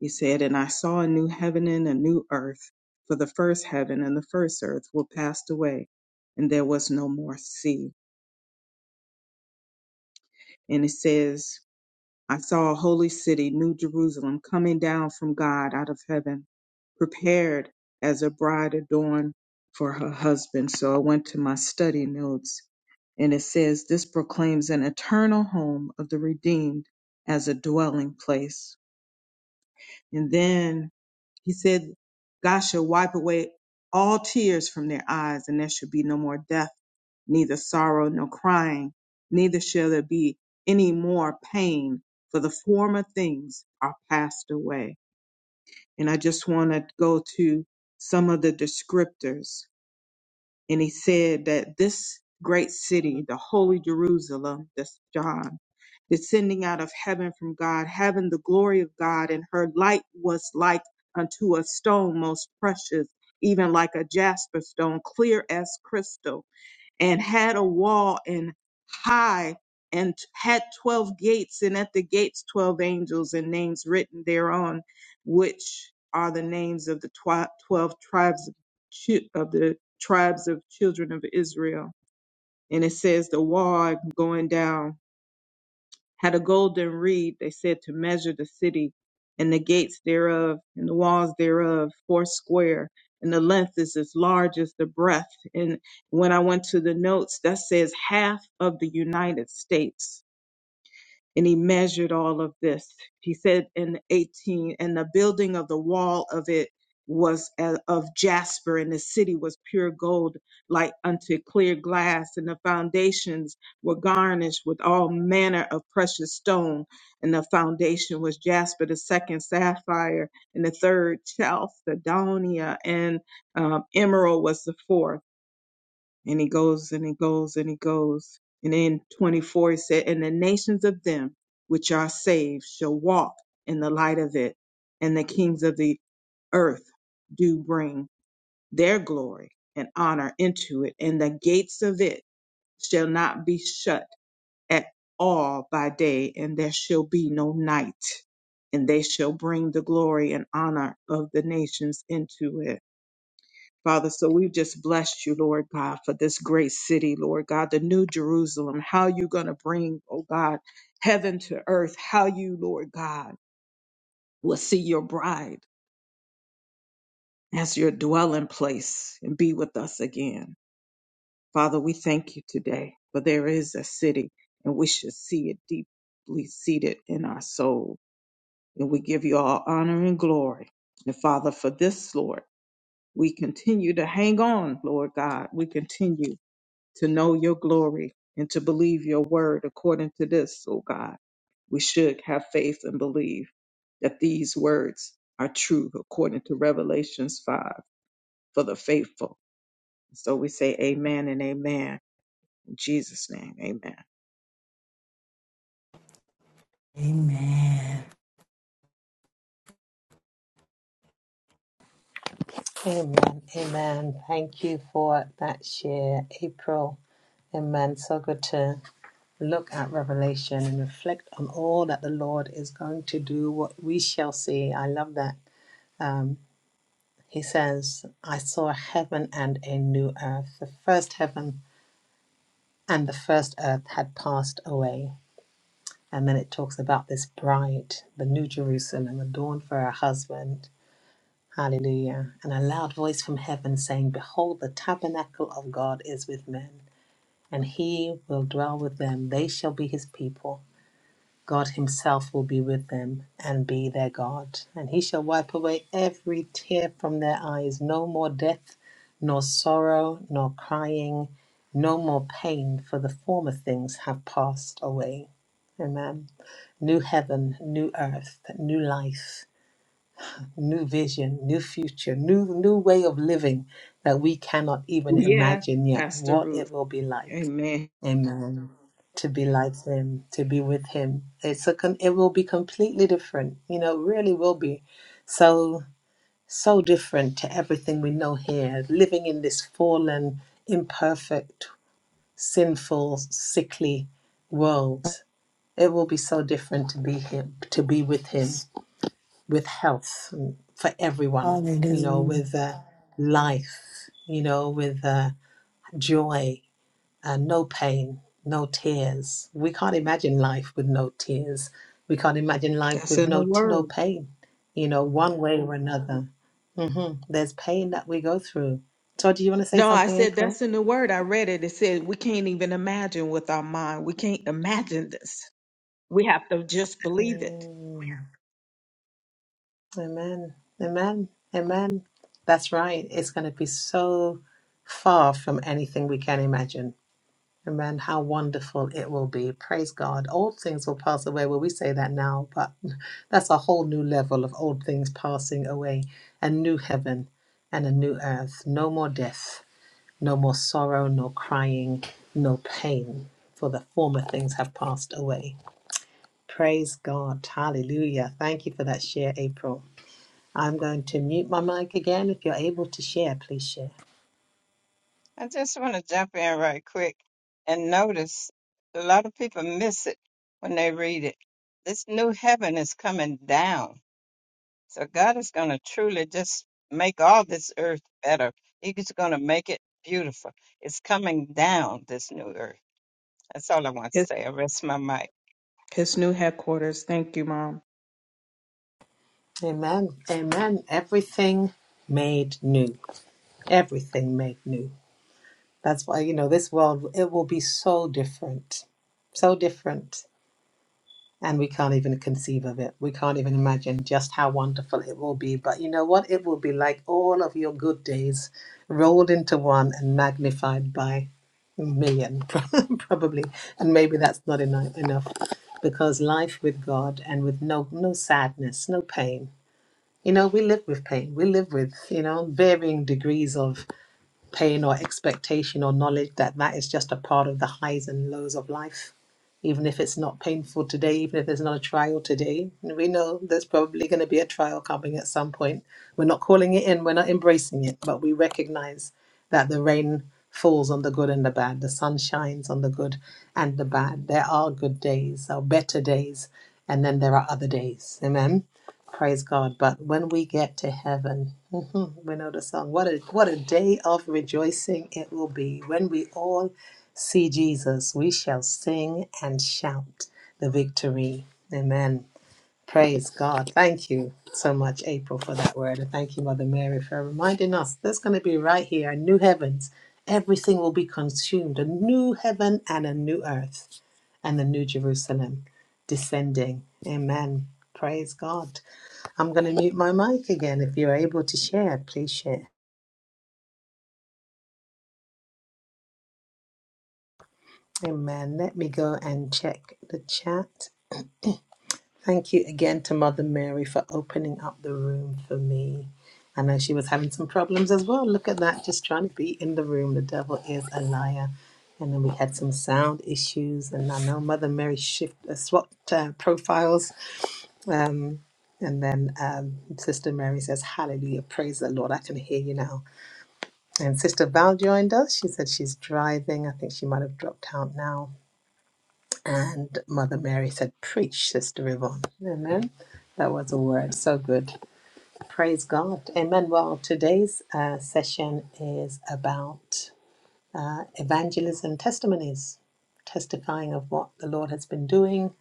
[SPEAKER 4] He said, And I saw a new heaven and a new earth, for the first heaven and the first earth were passed away, and there was no more sea. And it says, I saw a holy city, New Jerusalem, coming down from God out of heaven, prepared as a bride adorned for her husband. So I went to my study notes, and it says, This proclaims an eternal home of the redeemed as a dwelling place. And then he said, God shall wipe away all tears from their eyes, and there shall be no more death, neither sorrow nor crying, neither shall there be any more pain, for the former things are passed away. And I just want to go to some of the descriptors and he said that this great city, the holy Jerusalem, that's John, descending out of heaven from God, having the glory of God, and her light was like unto a stone most precious, even like a jasper stone, clear as crystal and had a wall and high and had 12 gates and at the gates 12 angels and names written thereon which are the names of the twi- 12 tribes of, chi- of the tribes of children of Israel and it says the wall going down had a golden reed, they said, to measure the city and the gates thereof and the walls thereof four square. And the length is as large as the breadth. And when I went to the notes, that says half of the United States and he measured all of this. He said in 18, and the building of the wall of it was a- of jasper, and the city was pure gold, like unto clear glass, and the foundations were garnished with all manner of precious stone, and the foundation was jasper, the second sapphire, and the third chalcedonia, and um, emerald was the fourth. And he goes and he goes and he goes. And in 24, he said, And the nations of them which are saved shall walk in the light of it, and the kings of the earth do bring their glory and honor into it, and the gates of it shall not be shut at all by day, and there shall be no night. And they shall bring the glory and honor of the nations into it. Father, so we've just blessed you, Lord God, for this great city, Lord God, the new Jerusalem, how you're going to bring, oh God, heaven to earth, how you, Lord God, will see your bride as your dwelling place and be with us again. Father, we thank you today, for there is a city and we should see it deeply seated in our soul. And we give you all honor and glory. And Father, for this, Lord, we continue to hang on, Lord God. We continue to know your glory and to believe your word according to this, O God. We should have faith and believe that these words are true according to Revelations 5 for the faithful. So we say amen and amen. In Jesus' name, amen.
[SPEAKER 5] Amen.
[SPEAKER 2] Amen. Amen. Thank you for that share, April. Amen. So good to look at Revelation and reflect on all that the Lord is going to do, what we shall see. I love that. Um. He says, I saw a heaven and a new earth. The first heaven and the first earth had passed away. And then it talks about this bride, the new Jerusalem, adorned for her husband. Hallelujah. And a loud voice from heaven saying, Behold, the tabernacle of God is with men, and he will dwell with them. They shall be his people God Himself will be with them and be their God. And He shall wipe away every tear from their eyes. No more death, nor sorrow, nor crying, no more pain, for the former things have passed away. Amen. New heaven, new earth, new life, new vision, new future, new new way of living that we cannot even
[SPEAKER 4] Yes,
[SPEAKER 2] imagine yet
[SPEAKER 4] Pastor
[SPEAKER 2] what
[SPEAKER 4] Ruth.
[SPEAKER 2] it will be like.
[SPEAKER 4] Amen.
[SPEAKER 2] Amen. To be like him, to be with him. It's a com- it will be completely different. You know, it really will be so so different to everything we know here. Living in this fallen, imperfect, sinful, sickly world. It will be so different to be him, to be with him, with health mm, for everyone. You know,
[SPEAKER 5] Hallelujah.
[SPEAKER 2] with uh, life. You know, with uh, joy and no pain, no tears. We can't imagine life with no tears. We can't imagine life
[SPEAKER 4] That's
[SPEAKER 2] with
[SPEAKER 4] in the
[SPEAKER 2] no t- no
[SPEAKER 4] word.
[SPEAKER 2] pain. You know, one way or another. hmm There's pain that we go through. Todd, do you want to say
[SPEAKER 4] No, I
[SPEAKER 2] something,
[SPEAKER 4] said
[SPEAKER 2] April?
[SPEAKER 4] that's in the word. I read it. It said we can't even imagine with our mind. We can't imagine this. We have to just believe it.
[SPEAKER 2] Mm. Amen. Amen. Amen. That's right. It's going to be so far from anything we can imagine Amen. How wonderful it will be. Praise God. Old things will pass away. Well, we say that now, but that's a whole new level of old things passing away. A new heaven and a new earth. No more death, no more sorrow, no crying, no pain, for the former things have passed away. Praise God. Hallelujah. Thank you for that share, April. I'm going to mute my mic again. If you're able to share, please share.
[SPEAKER 3] I just want to jump in right quick and notice a lot of people miss it when they read it. This new heaven is coming down. So God is going to truly just make all this earth better. He's going to make it beautiful. It's coming down, this new earth. That's all I want to say. I rest my mic.
[SPEAKER 4] His new headquarters. Thank you, Mom.
[SPEAKER 2] Amen. Amen. Everything made new. everything made new. That's why, you know, this world, it will be so different, so different. And we can't even conceive of it. We can't even imagine just how wonderful it will be. But you know what? It will be like all of your good days rolled into one and magnified by a million, probably. And maybe that's not enough, enough because life with God and with no, no sadness, no pain. You know, we live with pain. We live with, you know, varying degrees of pain or expectation or knowledge that that is just a part of the highs and lows of life. Even if it's not painful today, even if there's not a trial today, we know there's probably going to be a trial coming at some point. We're not calling it in, we're not embracing it, but we recognize that the rain falls on the good and the bad, the sun shines on the good and the bad. There are good days, or better days, and then there are other days. Amen. Praise God. But when we get to heaven, we know the song. What a what a day of rejoicing it will be. When we all see Jesus, we shall sing and shout the victory. Amen. Praise God. Thank you so much, April, for that word. And thank you, Mother Mary, for reminding us there's going to be right here a new heavens. Everything will be consumed, a new heaven and a new earth, and the new Jerusalem descending. Amen. Praise God. I'm going to mute my mic again. If you're able to share, please share. Amen. Let me go and check the chat. Thank you again to Mother Mary for opening up the room for me. I know she was having some problems as well. Look at that, just trying to be in the room. The devil is a liar. And then we had some sound issues, and I know Mother Mary shift uh, swapped uh, profiles. Um, and then um, Sister Mary says, "Hallelujah, praise the Lord! I can hear you now." And Sister Val joined us. She said she's driving. I think she might have dropped out now. And Mother Mary said, Preach, Sister Yvonne. Amen. That was a word. So good. Praise God. Amen. Well, today's uh, session is about evangelism testimonies, testifying of what the Lord has been doing,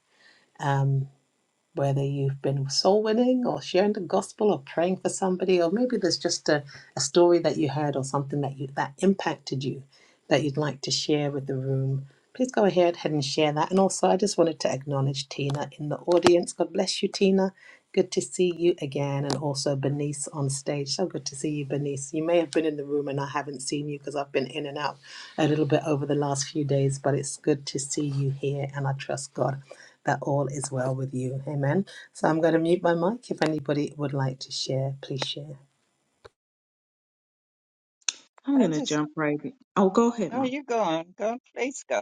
[SPEAKER 2] whether you've been soul winning or sharing the gospel or praying for somebody, or maybe there's just a, a story that you heard or something that you that impacted you. that you'd like to share with the room, please go ahead head and share that. And also, I just wanted to acknowledge Tina in the audience. God bless you, Tina. Good to see you again, and also Bernice on stage. So good to see you, Bernice. You may have been in the room and I haven't seen you because I've been in and out a little bit over the last few days, but it's good to see you here, and I trust God that all is well with you. Amen. So I'm going to mute my mic. If anybody would like to share, please share.
[SPEAKER 4] I'm
[SPEAKER 3] I
[SPEAKER 4] gonna
[SPEAKER 3] just,
[SPEAKER 4] jump right. In. Oh, go ahead,
[SPEAKER 3] oh,
[SPEAKER 4] Mom.
[SPEAKER 3] you go on. Go, please go.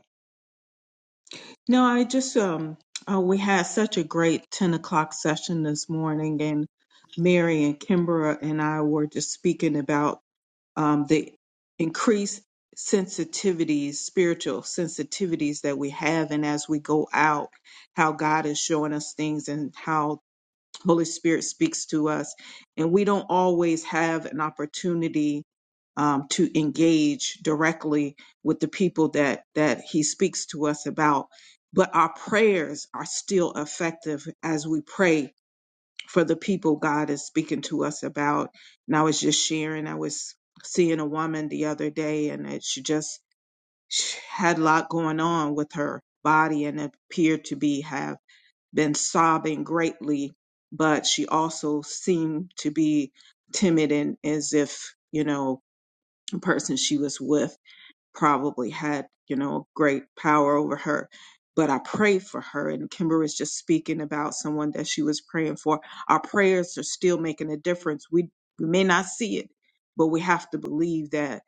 [SPEAKER 4] No, I just um, uh, we had such a great ten o'clock session this morning, and Mary and Kimbra and I were just speaking about um the increased sensitivities, spiritual sensitivities that we have, and as we go out, how God is showing us things and how Holy Spirit speaks to us, and we don't always have an opportunity um, to engage directly with the people that that He speaks to us about. But our prayers are still effective as we pray for the people God is speaking to us about. And I was just sharing, I was seeing a woman the other day, and it, she just she had a lot going on with her body and appeared to be have been sobbing greatly, but she also seemed to be timid and as if, you know, the person she was with probably had, you know, great power over her. But I prayed for her, and Kimber is just speaking about someone that she was praying for. Our prayers are still making a difference. We, we may not see it, but we have to believe that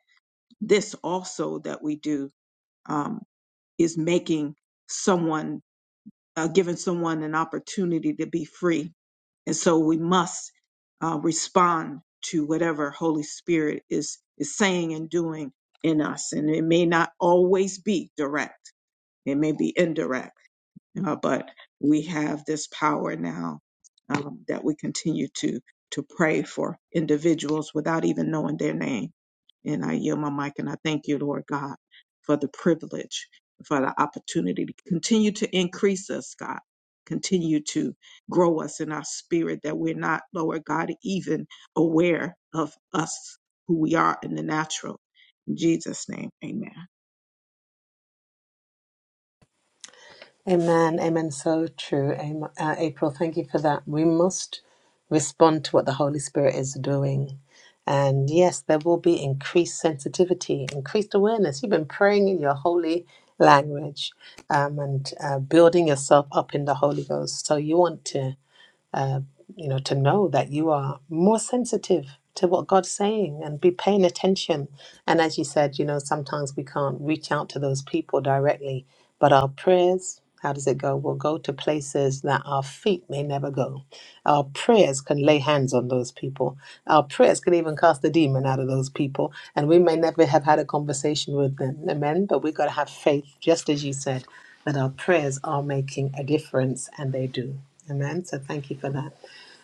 [SPEAKER 4] this also that we do um, is making someone uh, giving someone an opportunity to be free. And so we must uh, respond to whatever Holy Spirit is is saying and doing in us. And it may not always be direct. It may be indirect uh, but we have this power now um, that we continue to to pray for individuals without even knowing their name. And I yield my mic and I thank you, Lord God, for the privilege, for the opportunity to continue to increase us, God. Continue to grow us in our spirit that we're not, Lord God, even aware of us, who we are in the natural. In Jesus' name, amen.
[SPEAKER 2] Amen. Amen. So true. Am- uh, April, thank you for that. We must respond to what the Holy Spirit is doing. And yes, there will be increased sensitivity, increased awareness. You've been praying in your holy language um, and uh, building yourself up in the Holy Ghost. So you want to you know, to know that you are more sensitive to what God's saying and be paying attention. And as you said, you know, sometimes we can't reach out to those people directly, but our prayers, how does it go? Will go to places that our feet may never go. Our prayers can lay hands on those people. Our prayers can even cast the demon out of those people. And we may never have had a conversation with them. Amen. But we've got to have faith, just as you said, that our prayers are making a difference, and they do. Amen. So thank you for that.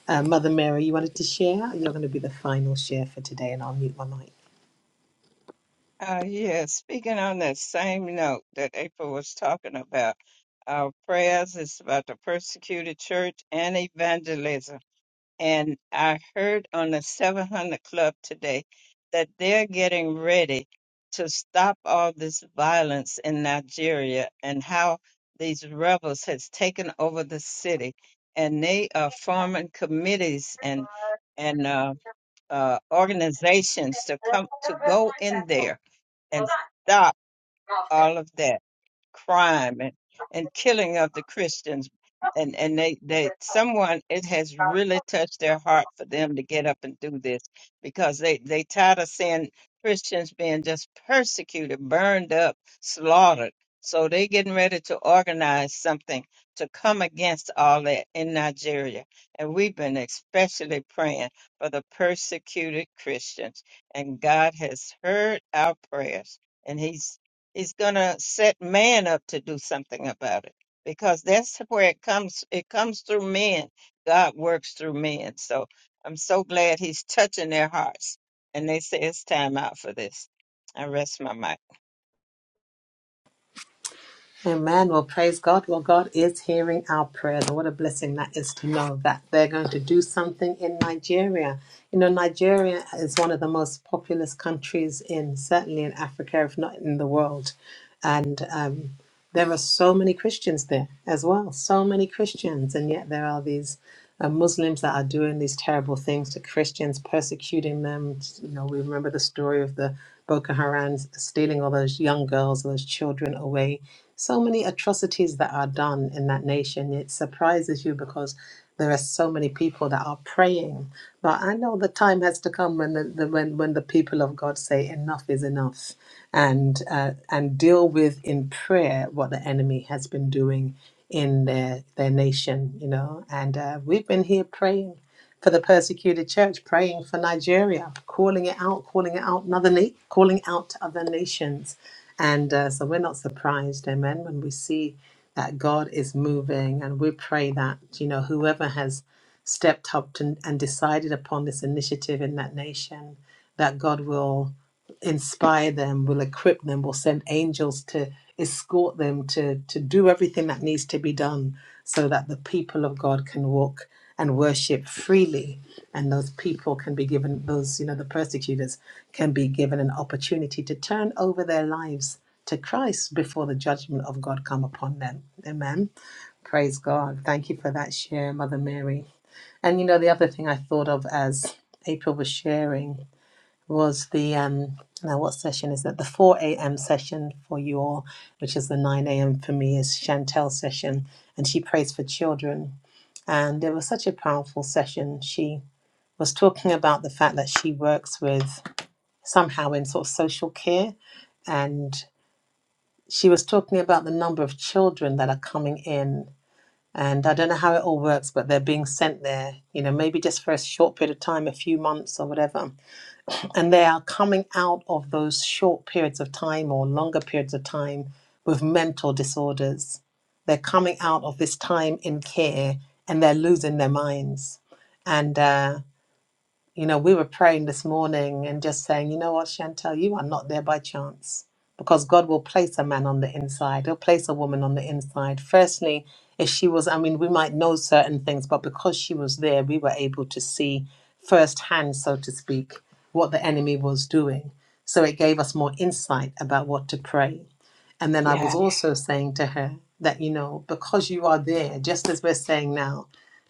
[SPEAKER 2] Uh, Mother Mary, you wanted to share? You're going to be the final share for today, and I'll mute my mic.
[SPEAKER 3] Uh, yeah, speaking on that same note that April was talking about, our prayers is about the persecuted church and evangelism. And I heard on the 700 Club today that they're getting ready to stop all this violence in Nigeria and how these rebels has taken over the city. And they are forming committees and and uh, uh, organizations to come to go in there and stop all of that crime and, and killing of the Christians. And, and they, they, someone, it has really touched their heart for them to get up and do this because they, they tired of seeing Christians being just persecuted, burned up, slaughtered. So they getting ready to organize something to come against all that in Nigeria. And we've been especially praying for the persecuted Christians. And God has heard our prayers. And He's is going to set man up to do something about it because that's where it comes. It comes through men. God works through men. So I'm so glad he's touching their hearts. And they say it's time out for this. I rest my mic.
[SPEAKER 2] Amen. Well, praise God. Well, God is hearing our prayers. And what a blessing that is to know that they're going to do something in Nigeria. You know, Nigeria is one of the most populous countries in, certainly in Africa, if not in the world. And um, there are so many Christians there as well, so many Christians. And yet there are these uh, Muslims that are doing these terrible things to Christians, persecuting them. You know, we remember the story of the Boko Haram stealing all those young girls, those children away so many atrocities that are done in that nation. It surprises you because there are so many people that are praying. But I know the time has to come when the, the when when the people of God say enough is enough, and uh, and deal with in prayer what the enemy has been doing in their their nation. You know, and uh, we've been here praying for the persecuted church, praying for Nigeria, calling it out, calling it out, another na- calling out to other nations and uh, so we're not surprised, amen, when we see that God is moving. And we pray that, you know, whoever has stepped up to, and decided upon this initiative in that nation, that God will inspire them, will equip them, will send angels to escort them to, to do everything that needs to be done so that the people of God can walk and worship freely and those people can be given those you know the persecutors can be given an opportunity to turn over their lives to Christ before the judgment of God come upon them amen praise God thank you for that share mother mary and you know the other thing i thought of as april was sharing was the um now what session is that the 4 a.m session for you all which is the 9 a.m for me is chantel session and she prays for children and it was such a powerful session she was talking about the fact that she works with somehow in sort of social care and she was talking about the number of children that are coming in and i don't know how it all works but they're being sent there you know maybe just for a short period of time a few months or whatever and they are coming out of those short periods of time or longer periods of time with mental disorders. They're coming out of this time in care and they're losing their minds. And uh, you know, we were praying this morning and just saying, you know what, Chantel, you are not there by chance because God will place a man on the inside, He'll place a woman on the inside. Firstly, if she was, I mean, we might know certain things, but because she was there, we were able to see firsthand, so to speak, what the enemy was doing. So it gave us more insight about what to pray. And then I was also saying to her that, you know, because you are there, just as we're saying now,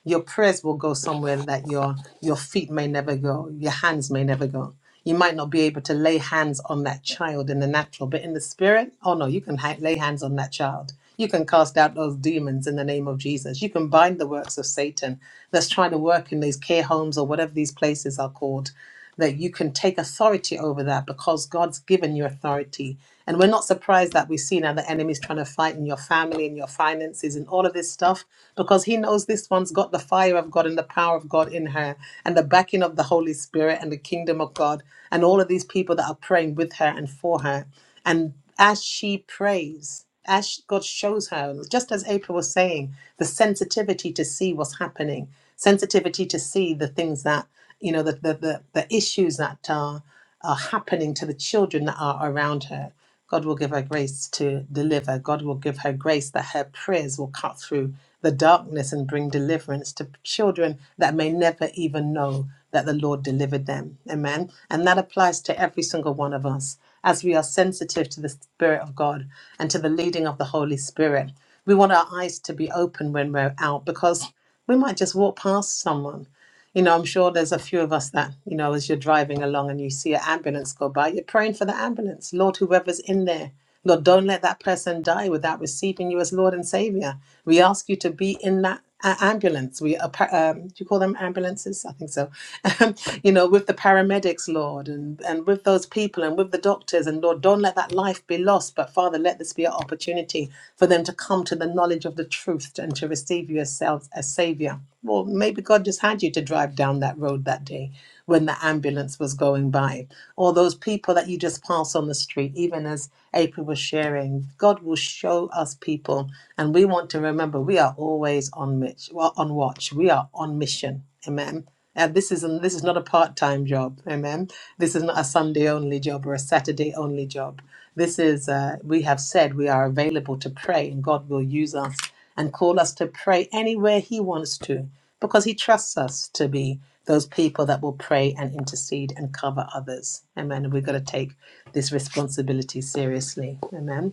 [SPEAKER 2] your prayers will go somewhere that your your feet may never go your hands may never go you might not be able to lay hands on that child in the natural but in the spirit oh no you can ha- lay hands on that child you can cast out those demons in the name of jesus you can bind the works of satan that's trying to work in these care homes or whatever these places are called that you can take authority over that because God's given you authority. And we're not surprised that we see now the enemy's trying to fight in your family and your finances and all of this stuff because he knows this one's got the fire of God and the power of God in her and the backing of the Holy Spirit and the kingdom of God and all of these people that are praying with her and for her. And as she prays, as she- God shows her, just as April was saying, the sensitivity to see what's happening, sensitivity to see the things that you know, the, the, the, the issues that are, are happening to the children that are around her. God will give her grace to deliver. God will give her grace that her prayers will cut through the darkness and bring deliverance to children that may never even know that the Lord delivered them. Amen. And that applies to every single one of us as we are sensitive to the Spirit of God and to the leading of the Holy Spirit. We want our eyes to be open when we're out because we might just walk past someone you know, I'm sure there's a few of us that, you know, as you're driving along and you see an ambulance go by, you're praying for the ambulance. Lord, whoever's in there, Lord, don't let that person die without receiving you as Lord and Savior. We ask you to be in that a- ambulance. We, are pa- um, do you call them ambulances? I think so. Um, you know, with the paramedics, Lord, and, and with those people and with the doctors. And Lord, don't let that life be lost. But Father, let this be an opportunity for them to come to the knowledge of the truth and to receive you as, self, as Savior well, maybe God just had you to drive down that road that day when the ambulance was going by, or those people that you just pass on the street, even as April was sharing. God will show us people, and we want to remember we are always on mitch, well, on watch. We are on mission. Amen. And this is this is not a part-time job. Amen. This is not a Sunday only job or a Saturday only job. This is uh, we have said we are available to pray, and God will use us and call us to pray anywhere He wants to because He trusts us to be those people that will pray and intercede and cover others. Amen. And we've got to take this responsibility seriously. Amen.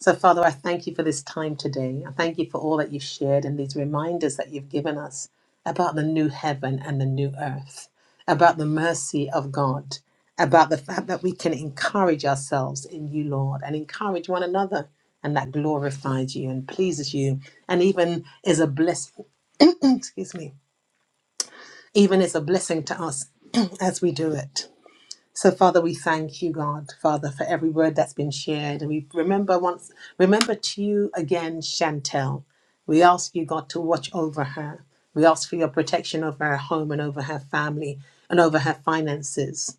[SPEAKER 2] So, Father, I thank you for this time today. I thank you for all that you've shared and these reminders that you've given us about the new heaven and the new earth about the mercy of God, about the fact that we can encourage ourselves in you, Lord, and encourage one another, and that glorifies you and pleases you, and even is a blessing, excuse me, even is a blessing to us as we do it. So, Father, we thank you, God, Father, for every word that's been shared. And we remember once, remember to you again, Chantel. We ask you, God, to watch over her. We ask for your protection over her home and over her family and over her finances.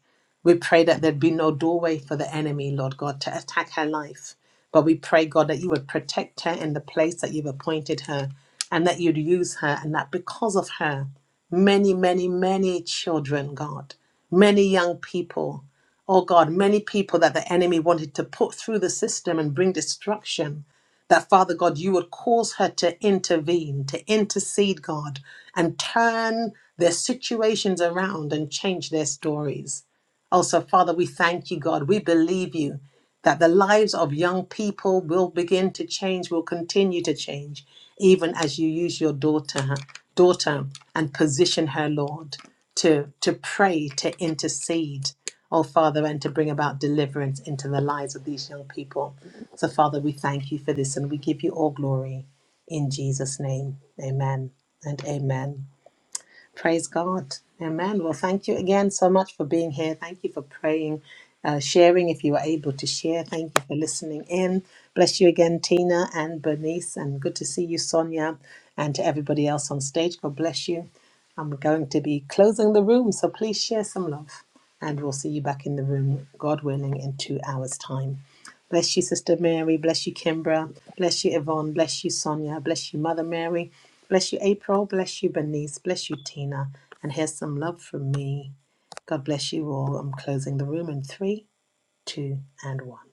[SPEAKER 2] We pray that there'd be no doorway for the enemy, Lord God, to attack her life. But we pray, God, that you would protect her in the place that you've appointed her and that you'd use her, and that because of her, many, many, many children, God, many young people, oh God, many people that the enemy wanted to put through the system and bring destruction, that Father God, you would cause her to intervene, to intercede, God, and turn their situations around and change their stories. Also, Father, we thank you, God. We believe you that the lives of young people will begin to change, will continue to change, even as you use your daughter, daughter, and position her, Lord, to, to pray, to intercede, oh Father, and to bring about deliverance into the lives of these young people. So, Father, we thank you for this and we give you all glory in Jesus' name. Amen and amen. Praise God. Amen. Well, thank you again so much for being here. Thank you for praying, uh, sharing if you were able to share. Thank you for listening in. Bless you again, Tina and Bernice. And good to see you, Sonia, and to everybody else on stage. God bless you. And we're going to be closing the room. So please share some love. And we'll see you back in the room, God willing, in two hours' time. Bless you, Sister Mary. Bless you, Kimbra. Bless you, Yvonne. Bless you, Sonia. Bless you, Mother Mary. Bless you, April. Bless you, Bernice. Bless you, Tina. And here's some love from me. God bless you all. I'm closing the room in three, two, and one.